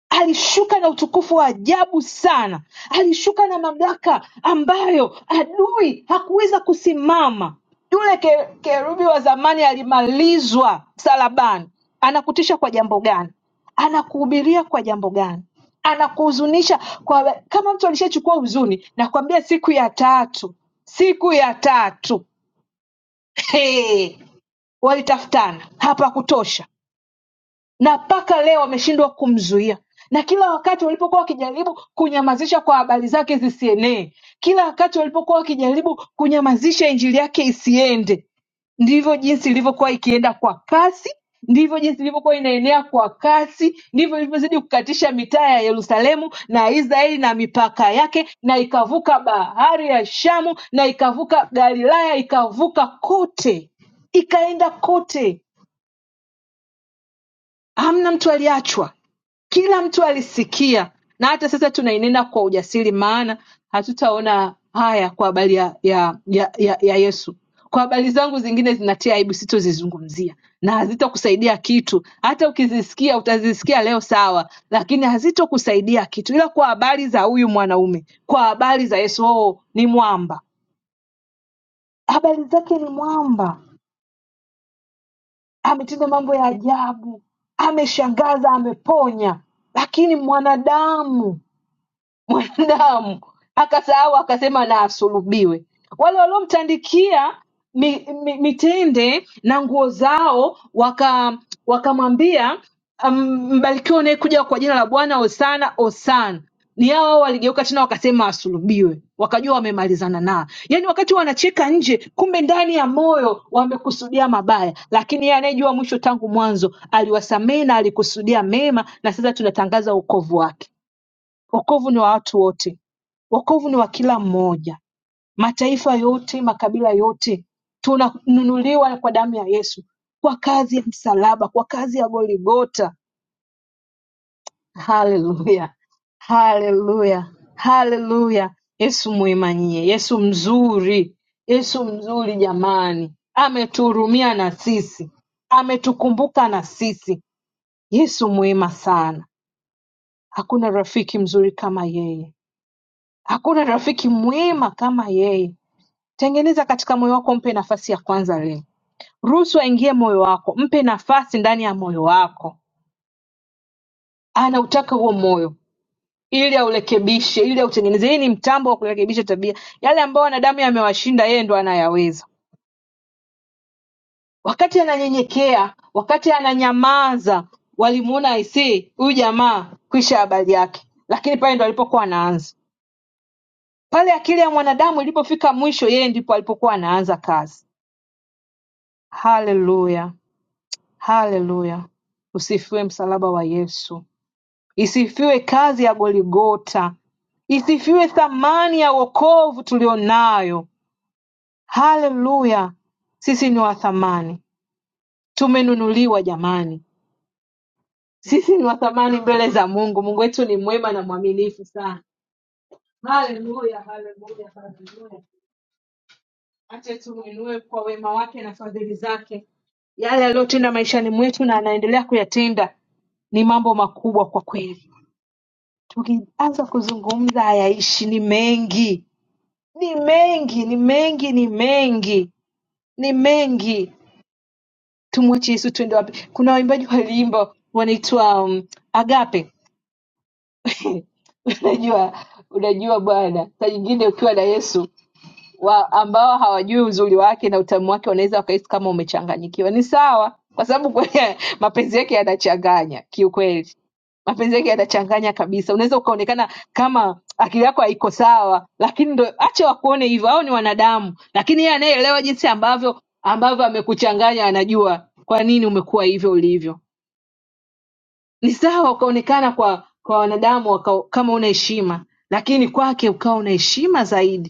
B: Alishuka na utukufu wa ajabu sana, alishuka na mamlaka ambayo adui hakuweza kusimama. Yule ke- kerubi wa zamani alimalizwa msalabani. Anakutisha kwa jambo gani? Anakuhubiria kwa jambo gani? Anakuhuzunisha kwa kama mtu alishachukua huzuni, nakwambia siku ya tatu, siku ya tatu hey, Walitafutana hapakutosha na mpaka leo wameshindwa kumzuia, na kila wakati walipokuwa wakijaribu kunyamazisha kwa habari zake zisienee, kila wakati walipokuwa wakijaribu kunyamazisha injili yake isiende, ndivyo jinsi ilivyokuwa ikienda kwa kasi, ndivyo jinsi ilivyokuwa inaenea kwa kasi, ndivyo ilivyozidi kukatisha mitaa ya Yerusalemu na Israeli na mipaka yake, na ikavuka bahari ya Shamu na ikavuka Galilaya, ikavuka kote, ikaenda kote Hamna mtu aliyeachwa kila mtu alisikia na hata sasa tunainena kwa ujasiri maana hatutaona haya kwa habari ya, ya, ya, ya, ya yesu kwa habari zangu zingine zinatia aibu sitozizungumzia na hazitakusaidia kitu hata ukizisikia utazisikia leo sawa lakini hazitokusaidia kitu ila kwa habari za huyu mwanaume kwa habari za yesu oh, ni mwamba habari zake ni mwamba ametenda mambo ya ajabu, ameshangaza, ameponya, lakini mwanadamu mwanadamu akasahau akasema na asulubiwe wale waliomtandikia mi, mi, mitende na nguo zao waka wakamwambia um, mbarikiwa unayekuja kwa jina la bwana osana osana ni hao hao waligeuka tena wakasema asulubiwe wakajua wamemalizana naa yaani wakati wanacheka nje kumbe ndani ya moyo wamekusudia mabaya lakini yeye anayejua mwisho tangu mwanzo aliwasamehe na alikusudia mema na sasa tunatangaza ukovu wake Wokovu ni wa watu wote, wokovu ni wa kila mmoja, mataifa yote, makabila yote. Tunanunuliwa kwa damu ya Yesu, kwa kazi ya msalaba, kwa kazi ya Goligota. Haleluya, haleluya, haleluya! Yesu mwema nyie, Yesu mzuri, Yesu mzuri jamani, ametuhurumia na sisi, ametukumbuka na sisi. Yesu mwema sana, hakuna rafiki mzuri kama yeye. Hakuna rafiki mwema kama yeye. Tengeneza katika moyo wako, mpe nafasi ya kwanza leo. Ruhusu aingie moyo wako, mpe nafasi ndani ya moyo wako. Anautaka huo moyo ili aurekebishe, ili autengeneze. Hii ni mtambo wa kurekebisha tabia. Yale ambayo wanadamu yamewashinda, yeye ndo anayaweza. Wakati ananyenyekea, wakati ananyamaza, walimuona aisee, huyu jamaa kwisha habari yake, lakini pale ndo alipokuwa anaanza pale akili ya mwanadamu ilipofika mwisho, yeye ndipo alipokuwa anaanza kazi. Hallelujah! Hallelujah! Usifiwe msalaba wa Yesu. Isifiwe kazi ya Goligota. Isifiwe thamani ya wokovu tulionayo. Haleluya! Sisi ni wa thamani, tumenunuliwa jamani. Sisi ni wa thamani mbele za Mungu. Mungu wetu ni mwema na mwaminifu sana. Haleluya, haleluya, haleluya. Acha tumwinue kwa wema wake na fadhili zake. Yale aliyotenda maishani mwetu na anaendelea kuyatenda ni mambo makubwa kwa kweli. Tukianza kuzungumza hayaishi, ni mengi, ni mengi, ni mengi, ni mengi, ni mengi. Tumwache Yesu, tuende wapi? Kuna waimbaji waliimba wanaitwa um, Agape unajua, unajua bwana, saa nyingine ukiwa na Yesu wa ambao hawajui uzuri wake na utamu wake wanaweza wakahisi kama umechanganyikiwa. Ni sawa, kwa sababu kwe- mapenzi yake yanachanganya kiukweli mapenzi yake yatachanganya kabisa. Unaweza ukaonekana kama akili yako haiko sawa, lakini ndo acha wakuone hivyo, hao ni wanadamu. Lakini yeye anayeelewa jinsi ambavyo ambavyo amekuchanganya, anajua kwa nini umekuwa hivyo ulivyo. Ni sawa ukaonekana kwa kwa wanadamu waka, kama una heshima, lakini kwake ukawa una heshima zaidi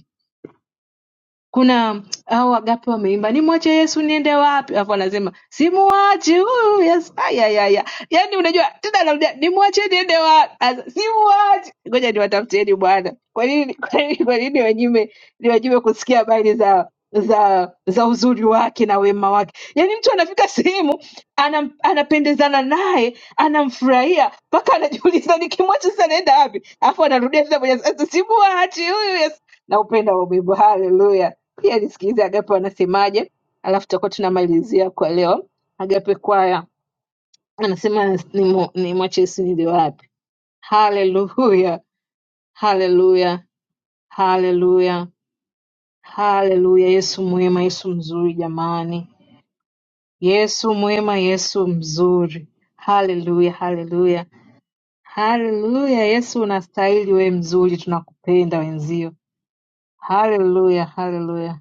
B: kuna hao Agape wameimba nimwache Yesu niende wapi, alafu anasema simuachi huyu Yesu. Ayayaya, yaani unajua tena, anarudia nimwache niende wapi? Asa, Simuachi, ngoja niwatafutieni Bwana. Kwa nini kwa nini kwa nini wanyime niwajime kusikia habari za za za uzuri wake na wema wake? Yaani mtu anafika sehemu anam, anapendezana naye anamfurahia mpaka anajiuliza nikimwacha sasa naenda wapi? Alafu anarudia tena mwenye simuachi huyu Yesu Naupenda ubebo, haleluya. Pia nisikilize Agape wanasemaje, alafu tutakuwa tunamalizia kwa leo. Agape kwaya anasema nimwache ni nimwache Yesu nili wapi? Haleluya, haleluya, haleluya, haleluya. Yesu mwema, Yesu mzuri jamani, Yesu mwema, Yesu mzuri. Haleluya, haleluya, haleluya. Yesu unastahili, we mzuri, tunakupenda wenzio. Haleluya, haleluya.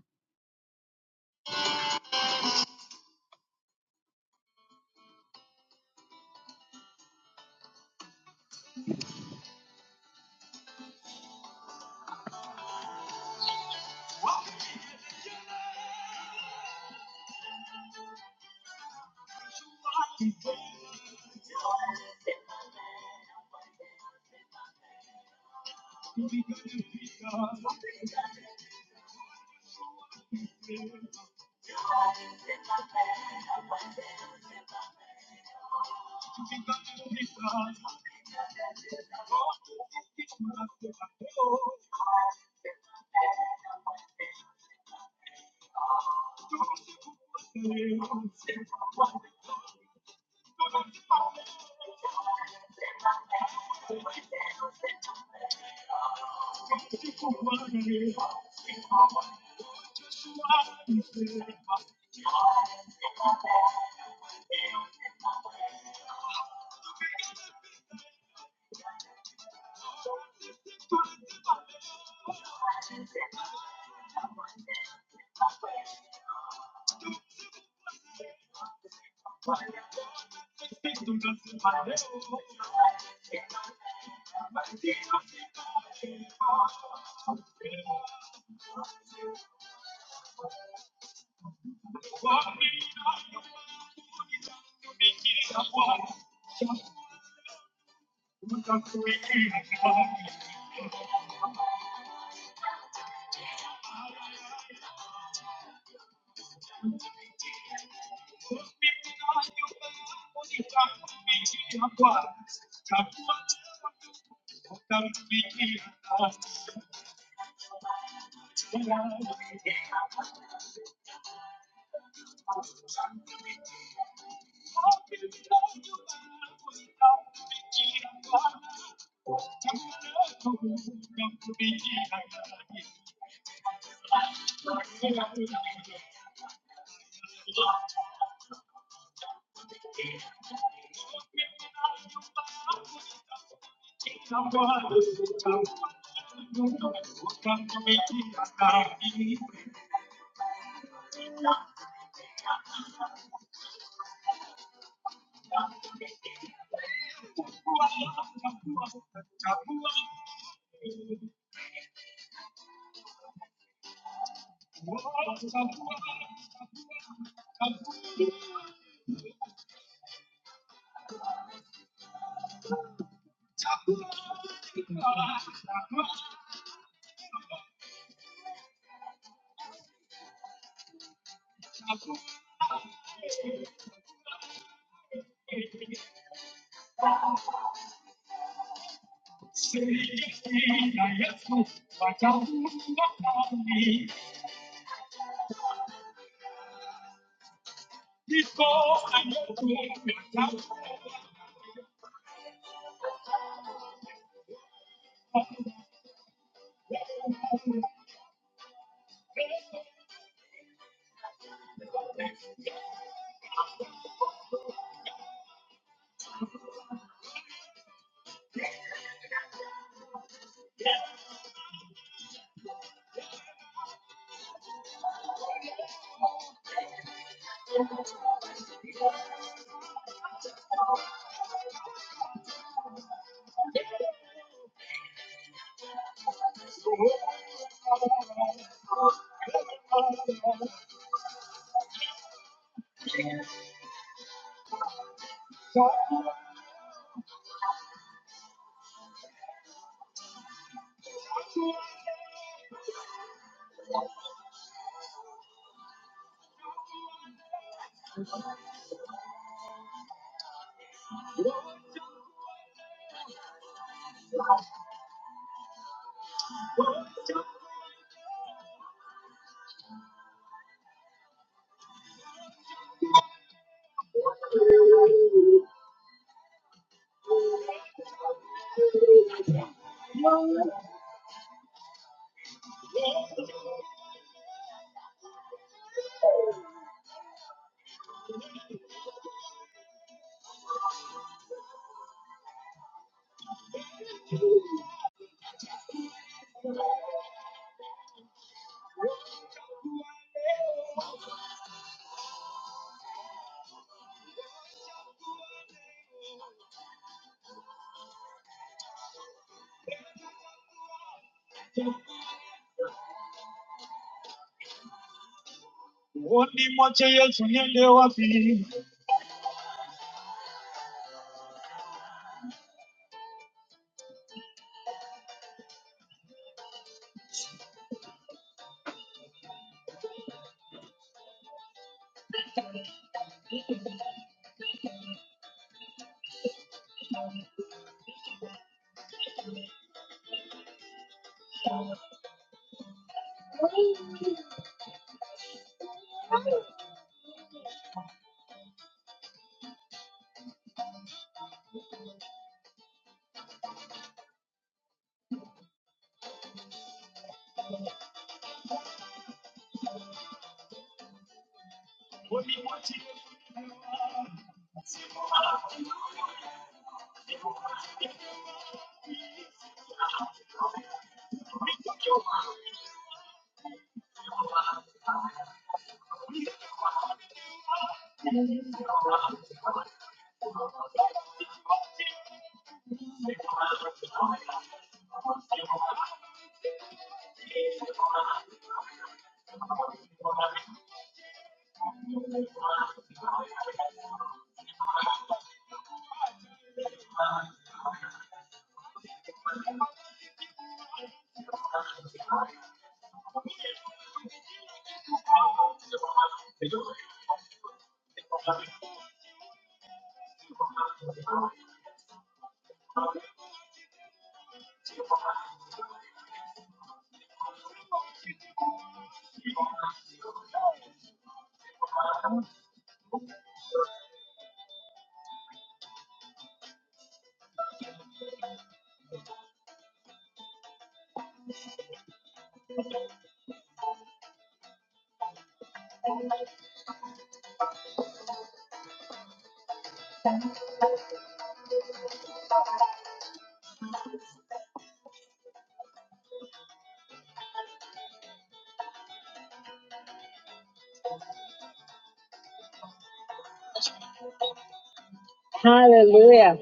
B: Haleluya.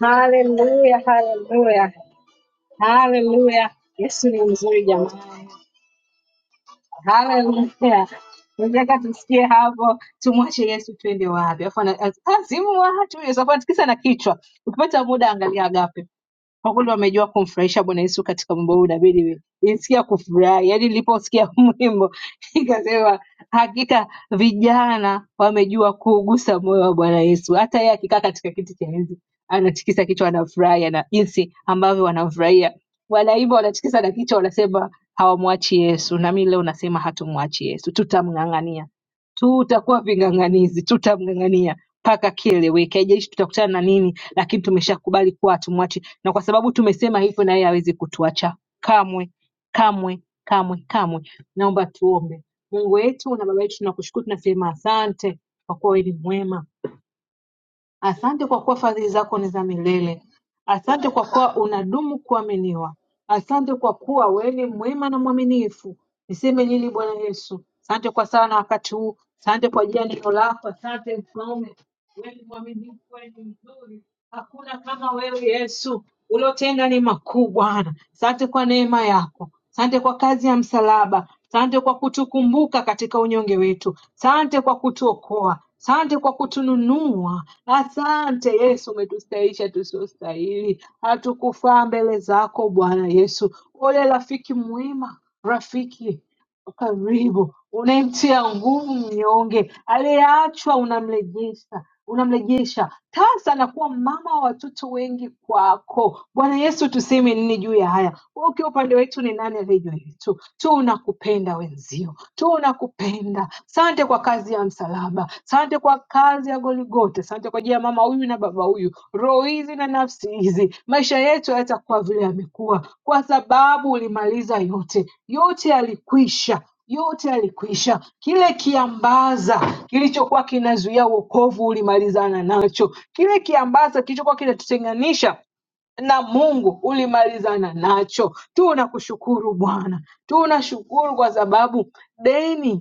B: Haleluya, haleluya, haleluya. Yesu ni mzuri jamani, haleluya. Nataka tusikie hapo, tumwache Yesu tuende wapi? Afu ana- az- azimu watu, Yesu afu atikisa na kichwa. Ukipata muda, angalia agape kwa kweli wamejua kumfurahisha Bwana Yesu katika wimbo huu, inabidi nisikia kufurahi. Yaani niliposikia huu wimbo nikasema hakika vijana wamejua kuugusa moyo wa Bwana Yesu. Hata yeye akikaa katika kiti cha enzi anatikisa kichwa, anafurahi na jinsi ambavyo wanamfurahia. Wanaimba, wanatikisa na kichwa, wanasema hawamwachi Yesu. Na mimi leo nasema hatumwachi Yesu, tutamng'ang'ania tutakuwa ving'ang'anizi, tutamng'ang'ania mpaka kieleweke. Haijalishi tutakutana na nini, lakini tumeshakubali kuwa hatumwachi, na kwa sababu tumesema hivyo, na yeye hawezi kutuacha kamwe, kamwe, kamwe, kamwe. Naomba tuombe. Mungu wetu na Baba yetu, tunakushukuru, tunasema asante kwa kuwa wewe ni mwema Asante kwa kuwa fadhili zako ni za milele. Asante kwa kuwa unadumu kuaminiwa. Asante kwa kuwa wewe ni mwema na mwaminifu. Niseme nini Bwana Yesu? Asante kwa sana wakati huu. Asante kwa ajili ya neno lako. Asante mfalme, wewe ni mwaminifu, wewe ni mzuri. Hakuna kama wewe Yesu. Uliotenda ni makuu Bwana. Asante kwa neema yako. Asante kwa kazi ya msalaba. Asante kwa kutukumbuka katika unyonge wetu. Asante kwa kutuokoa. Asante kwa kutununua. Asante Yesu, umetustahisha tusiostahili. Hatukufaa mbele zako Bwana Yesu. Ole rafiki mwema, rafiki karibu, unayemtia nguvu mnyonge, aliyeachwa unamrejesha unamrejesha. Tasa anakuwa mama wa watoto wengi kwako. Bwana Yesu, tuseme nini juu ya haya? Wewe Ukiwa upande wetu, ni nani aliye juu yetu? Tu unakupenda wenzio, tu unakupenda. Sante kwa kazi ya msalaba, sante kwa kwa kazi ya Goligote. Asante kwa ajili ya mama huyu na baba huyu, roho hizi na nafsi hizi. Maisha yetu hayatakuwa vile yamekuwa, kwa sababu ulimaliza yote, yote yalikwisha yote yalikwisha. Kile kiambaza kilichokuwa kinazuia wokovu ulimalizana nacho. Kile kiambaza kilichokuwa kinatutenganisha na Mungu ulimalizana nacho. Tunakushukuru Bwana, tunashukuru kwa sababu deni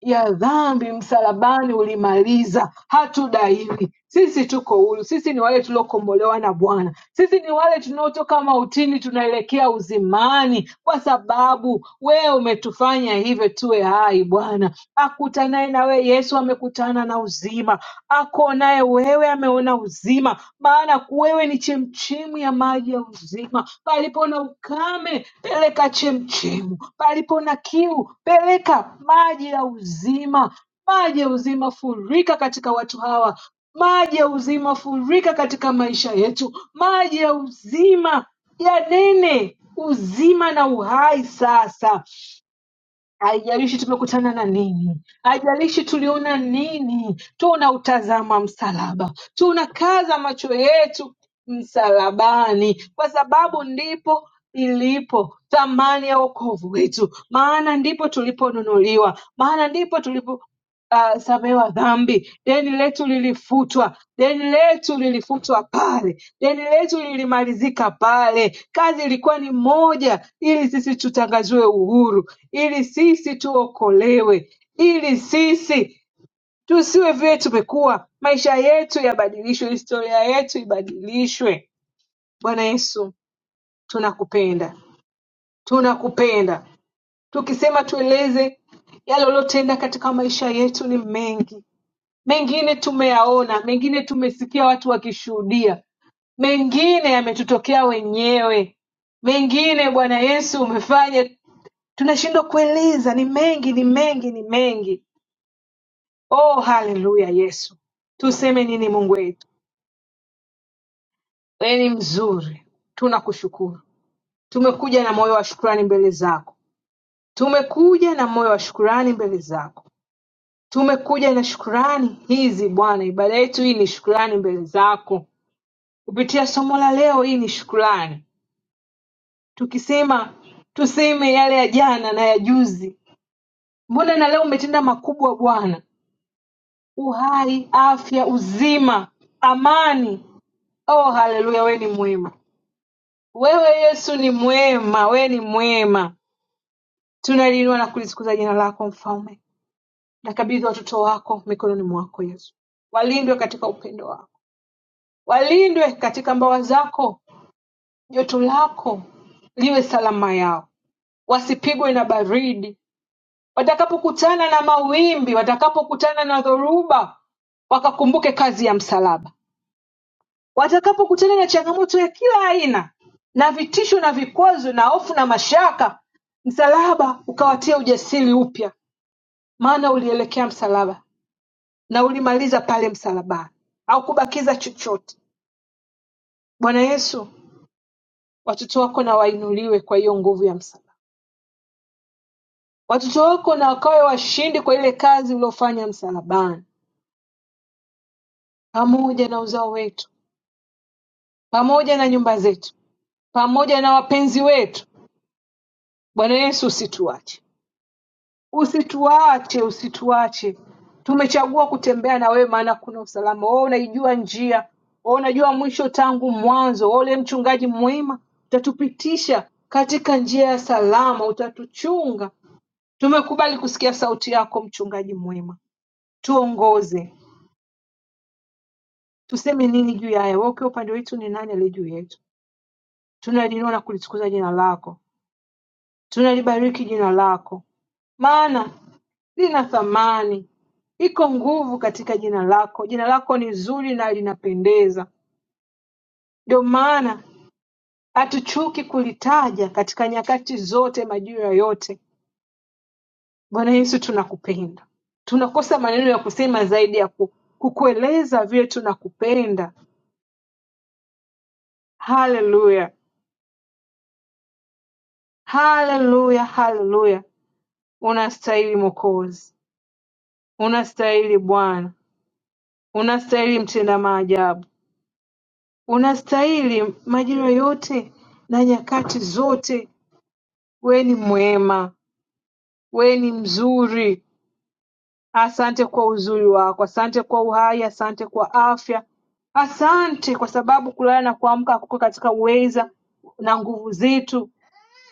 B: ya dhambi msalabani ulimaliza, hatudaiwi sisi. Tuko huru, sisi ni wale tuliokombolewa na Bwana, sisi ni wale tunaotoka mautini tunaelekea uzimani, kwa sababu wewe umetufanya hivyo tuwe hai. Bwana akutanaye nawe Yesu amekutana na uzima, akuonaye wewe ameona uzima, maana wewe ni chemchemu ya maji ya uzima. Palipo na ukame, peleka chemchemu. Palipo na kiu, peleka maji ya uzima. Maji ya uzima furika katika watu hawa. Maji ya uzima furika katika maisha yetu. Maji ya uzima yanene uzima na uhai sasa. Haijalishi tumekutana na nini, haijalishi tuliona nini, tunautazama msalaba, tunakaza macho yetu msalabani, kwa sababu ndipo ilipo thamani ya wokovu wetu, maana ndipo tuliponunuliwa, maana ndipo tulipo uh, samewa dhambi. Deni letu lilifutwa, deni letu lilifutwa pale, deni letu lilimalizika pale. Kazi ilikuwa ni moja, ili sisi tutangaziwe uhuru, ili sisi tuokolewe, ili sisi tusiwe vile tumekuwa. Maisha yetu yabadilishwe, historia yetu ibadilishwe. Bwana Yesu, tunakupenda, tunakupenda. Tukisema tueleze yale uliotenda katika maisha yetu ni mengi mengine tumeyaona, mengine tumesikia watu wakishuhudia, mengine yametutokea wenyewe, mengine Bwana Yesu umefanya, tunashindwa kueleza. Ni mengi, ni mengi, ni mengi. Oh, haleluya! Yesu, tuseme nini? Mungu wetu, wewe ni mzuri, tunakushukuru. Tumekuja na moyo wa shukrani mbele zako, tumekuja na moyo wa shukrani mbele zako, tumekuja na shukrani hizi Bwana. Ibada yetu hii ni shukrani mbele zako Kupitia somo la leo hii ni shukrani. Tukisema tuseme yale ya jana na ya juzi. Mbona na leo umetenda makubwa Bwana? Uhai, afya, uzima, amani. Oh, haleluya, wewe ni mwema. Wewe Yesu ni mwema, wewe ni mwema. Tunaliinua na kulisukuza jina lako Mfalme. Nakabidhi watoto wako mikononi mwako Yesu. Walindwe katika upendo wako. Walindwe katika mbawa zako. Joto lako liwe salama yao. wasipigwe na baridi, watakapokutana na mawimbi, watakapokutana na dhoruba, wakakumbuke kazi ya msalaba, watakapokutana na changamoto ya kila aina na vitisho na vikwazo na hofu na mashaka, msalaba ukawatia ujasiri upya, maana ulielekea msalaba na ulimaliza pale msalabani, haukubakiza chochote. Bwana Yesu, watoto wako na wainuliwe kwa hiyo nguvu ya msalaba, watoto wako na wakawe washindi kwa ile kazi uliofanya msalabani pamoja na uzao wetu, pamoja na nyumba zetu, pamoja na wapenzi wetu. Bwana Yesu, usituache, usituache, usituache. Tumechagua kutembea na wewe, maana kuna usalama. Wewe unaijua njia, wewe unajua mwisho tangu mwanzo. Wewe ule mchungaji mwema, utatupitisha katika njia ya salama, utatuchunga. Tumekubali kusikia sauti yako, mchungaji mwema, tuongoze. Tuseme nini juu ya haya? Wewe ukiwa upande wetu, ni nani aliye juu yetu? tunalinua na kulitukuza jina lako. Tunalibariki jina lako, maana lina thamani, iko nguvu katika jina lako. Jina lako ni zuri na linapendeza, ndio maana hatuchuki kulitaja katika nyakati zote, majira yote. Bwana Yesu, tunakupenda, tunakosa maneno ya kusema zaidi ya ku- kukueleza vile tunakupenda. Haleluya, haleluya, haleluya! Unastahili Mwokozi, unastahili Bwana, unastahili mtenda maajabu. Unastahili majira yote na nyakati zote we ni mwema we ni mzuri asante kwa uzuri wako asante kwa uhai asante kwa afya asante kwa sababu kulala na kuamka kuko katika uweza na nguvu zetu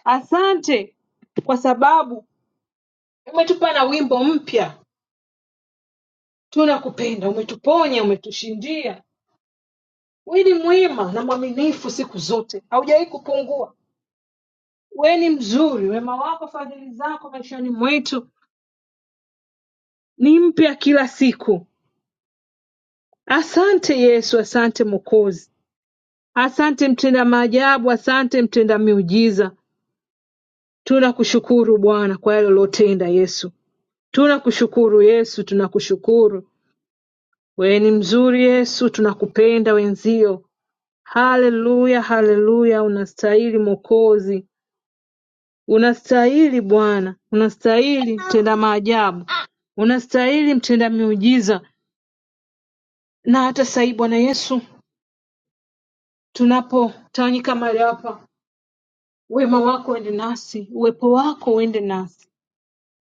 B: asante kwa sababu umetupa na wimbo mpya tunakupenda umetuponya umetushindia we ni mwema na mwaminifu siku zote haujawahi kupungua We ni mzuri, wema wako, fadhili zako maishani mwetu ni mpya kila siku. Asante Yesu, asante Mwokozi, asante mtenda maajabu, asante mtenda miujiza. Tunakushukuru Bwana kwa yale uliotenda Yesu, tunakushukuru Yesu, tunakushukuru. We ni mzuri Yesu, tunakupenda wenzio. Haleluya, haleluya, unastahili Mwokozi. Unastahili Bwana unastahili mtenda maajabu unastahili mtenda miujiza na hata sahii Bwana Yesu tunapotawanyika mahali hapa wema wako uende nasi uwepo wako uende nasi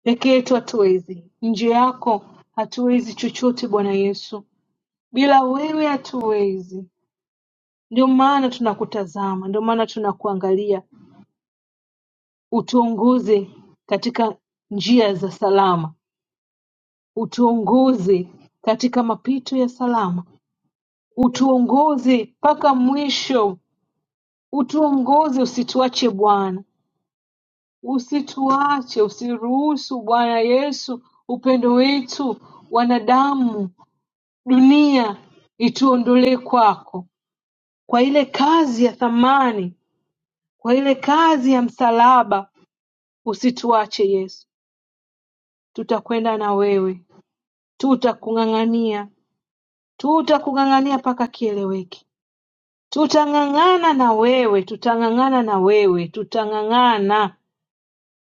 B: peke yetu hatuwezi nje yako hatuwezi chochote Bwana Yesu bila wewe hatuwezi ndio maana tunakutazama ndio maana tunakuangalia utuongoze katika njia za salama Utunguzi katika mapito ya salama Utuongoze mpaka mwisho Utuongoze usituache Bwana usituache usiruhusu Bwana Yesu upendo wetu wanadamu dunia ituondolee kwako kwa ile kazi ya thamani kwa ile kazi ya msalaba usituache Yesu tutakwenda na wewe tutakung'ang'ania tutakung'ang'ania mpaka kieleweke Tutang'ang'ana na wewe tutang'ang'ana na wewe tutang'ang'ana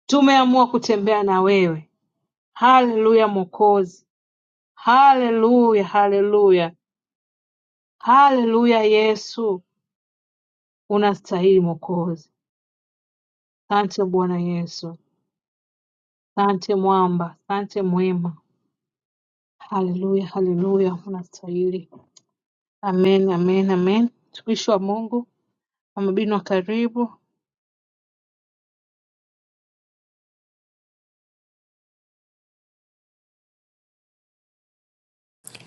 B: tumeamua kutembea na wewe haleluya mwokozi haleluya haleluya haleluya Yesu unastahili mwokozi asante Bwana Yesu asante mwamba asante mwema haleluya haleluya unastahili amen amen amen mtumishi wa Mungu mama Binwa karibu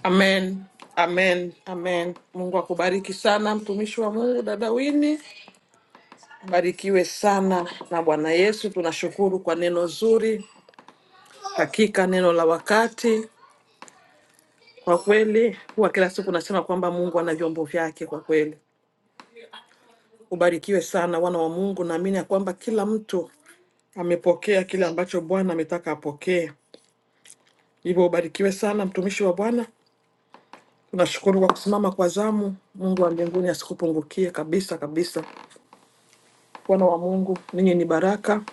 A: Amen, amen, amen. Mungu akubariki sana mtumishi wa Mungu dada Wini, barikiwe sana na Bwana Yesu. Tunashukuru kwa neno zuri, hakika neno la wakati. Kwa kweli huwa kila siku nasema kwamba Mungu ana vyombo vyake. Kwa kweli ubarikiwe sana wana wa Mungu. Naamini ya kwamba kila mtu amepokea kile ambacho Bwana ametaka apokee. Hivyo ubarikiwe sana mtumishi wa Bwana. Tunashukuru kwa kusimama kwa zamu. Mungu wa mbinguni asikupungukie kabisa kabisa. Wana wa Mungu, ninyi ni baraka,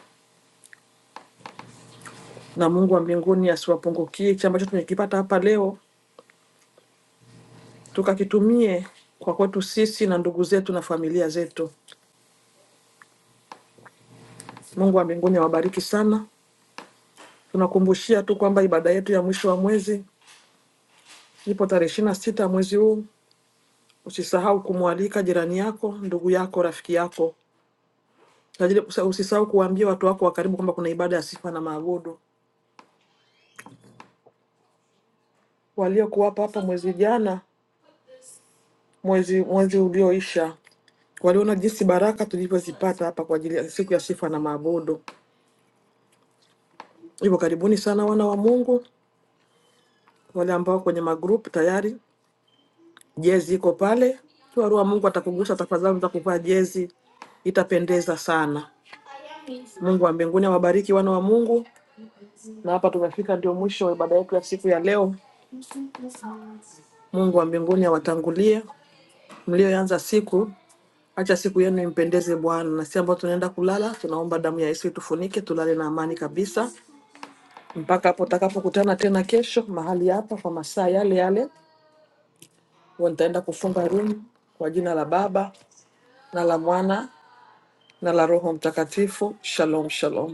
A: na Mungu wa mbinguni asiwapungukie hichi ambacho tumekipata hapa leo, tukakitumie kwa kwetu sisi na ndugu zetu na familia zetu. Mungu wa mbinguni awabariki sana. Tunakumbushia tu kwamba ibada yetu ya mwisho wa mwezi ipo tarehe 26 sita mwezi huu. Usisahau kumwalika jirani yako, ndugu yako, rafiki yako Kwa ajili usa- usisahau kuwaambia watu wako wa karibu kwamba kuna ibada ya sifa na maabudu. Waliokuwapa hapa mwezi jana, mwezi mwezi ulioisha, waliona jinsi baraka tulivyozipata hapa kwa ajili ya siku ya sifa na maabudu. Hivyo karibuni sana wana wa Mungu, wale ambao kwenye magrupu tayari jezi iko pale. Kiwa Roho wa Mungu atakugusa, tafadhali za kuvaa jezi, itapendeza sana. Mungu wa mbinguni awabariki wana wa Mungu. Na hapa tumefika ndio mwisho wa ibada yetu ya siku ya leo. Mungu wa mbinguni awatangulie mlioanza siku Acha siku yenu impendeze Bwana, na si ambao tunaenda kulala, tunaomba damu ya Yesu itufunike, tulale na amani kabisa mpaka hapo tutakapokutana tena kesho mahali hapa kwa masaa yale yale. Huwa nitaenda kufunga room kwa jina la Baba na la Mwana na la Roho Mtakatifu. Shalom, shalom.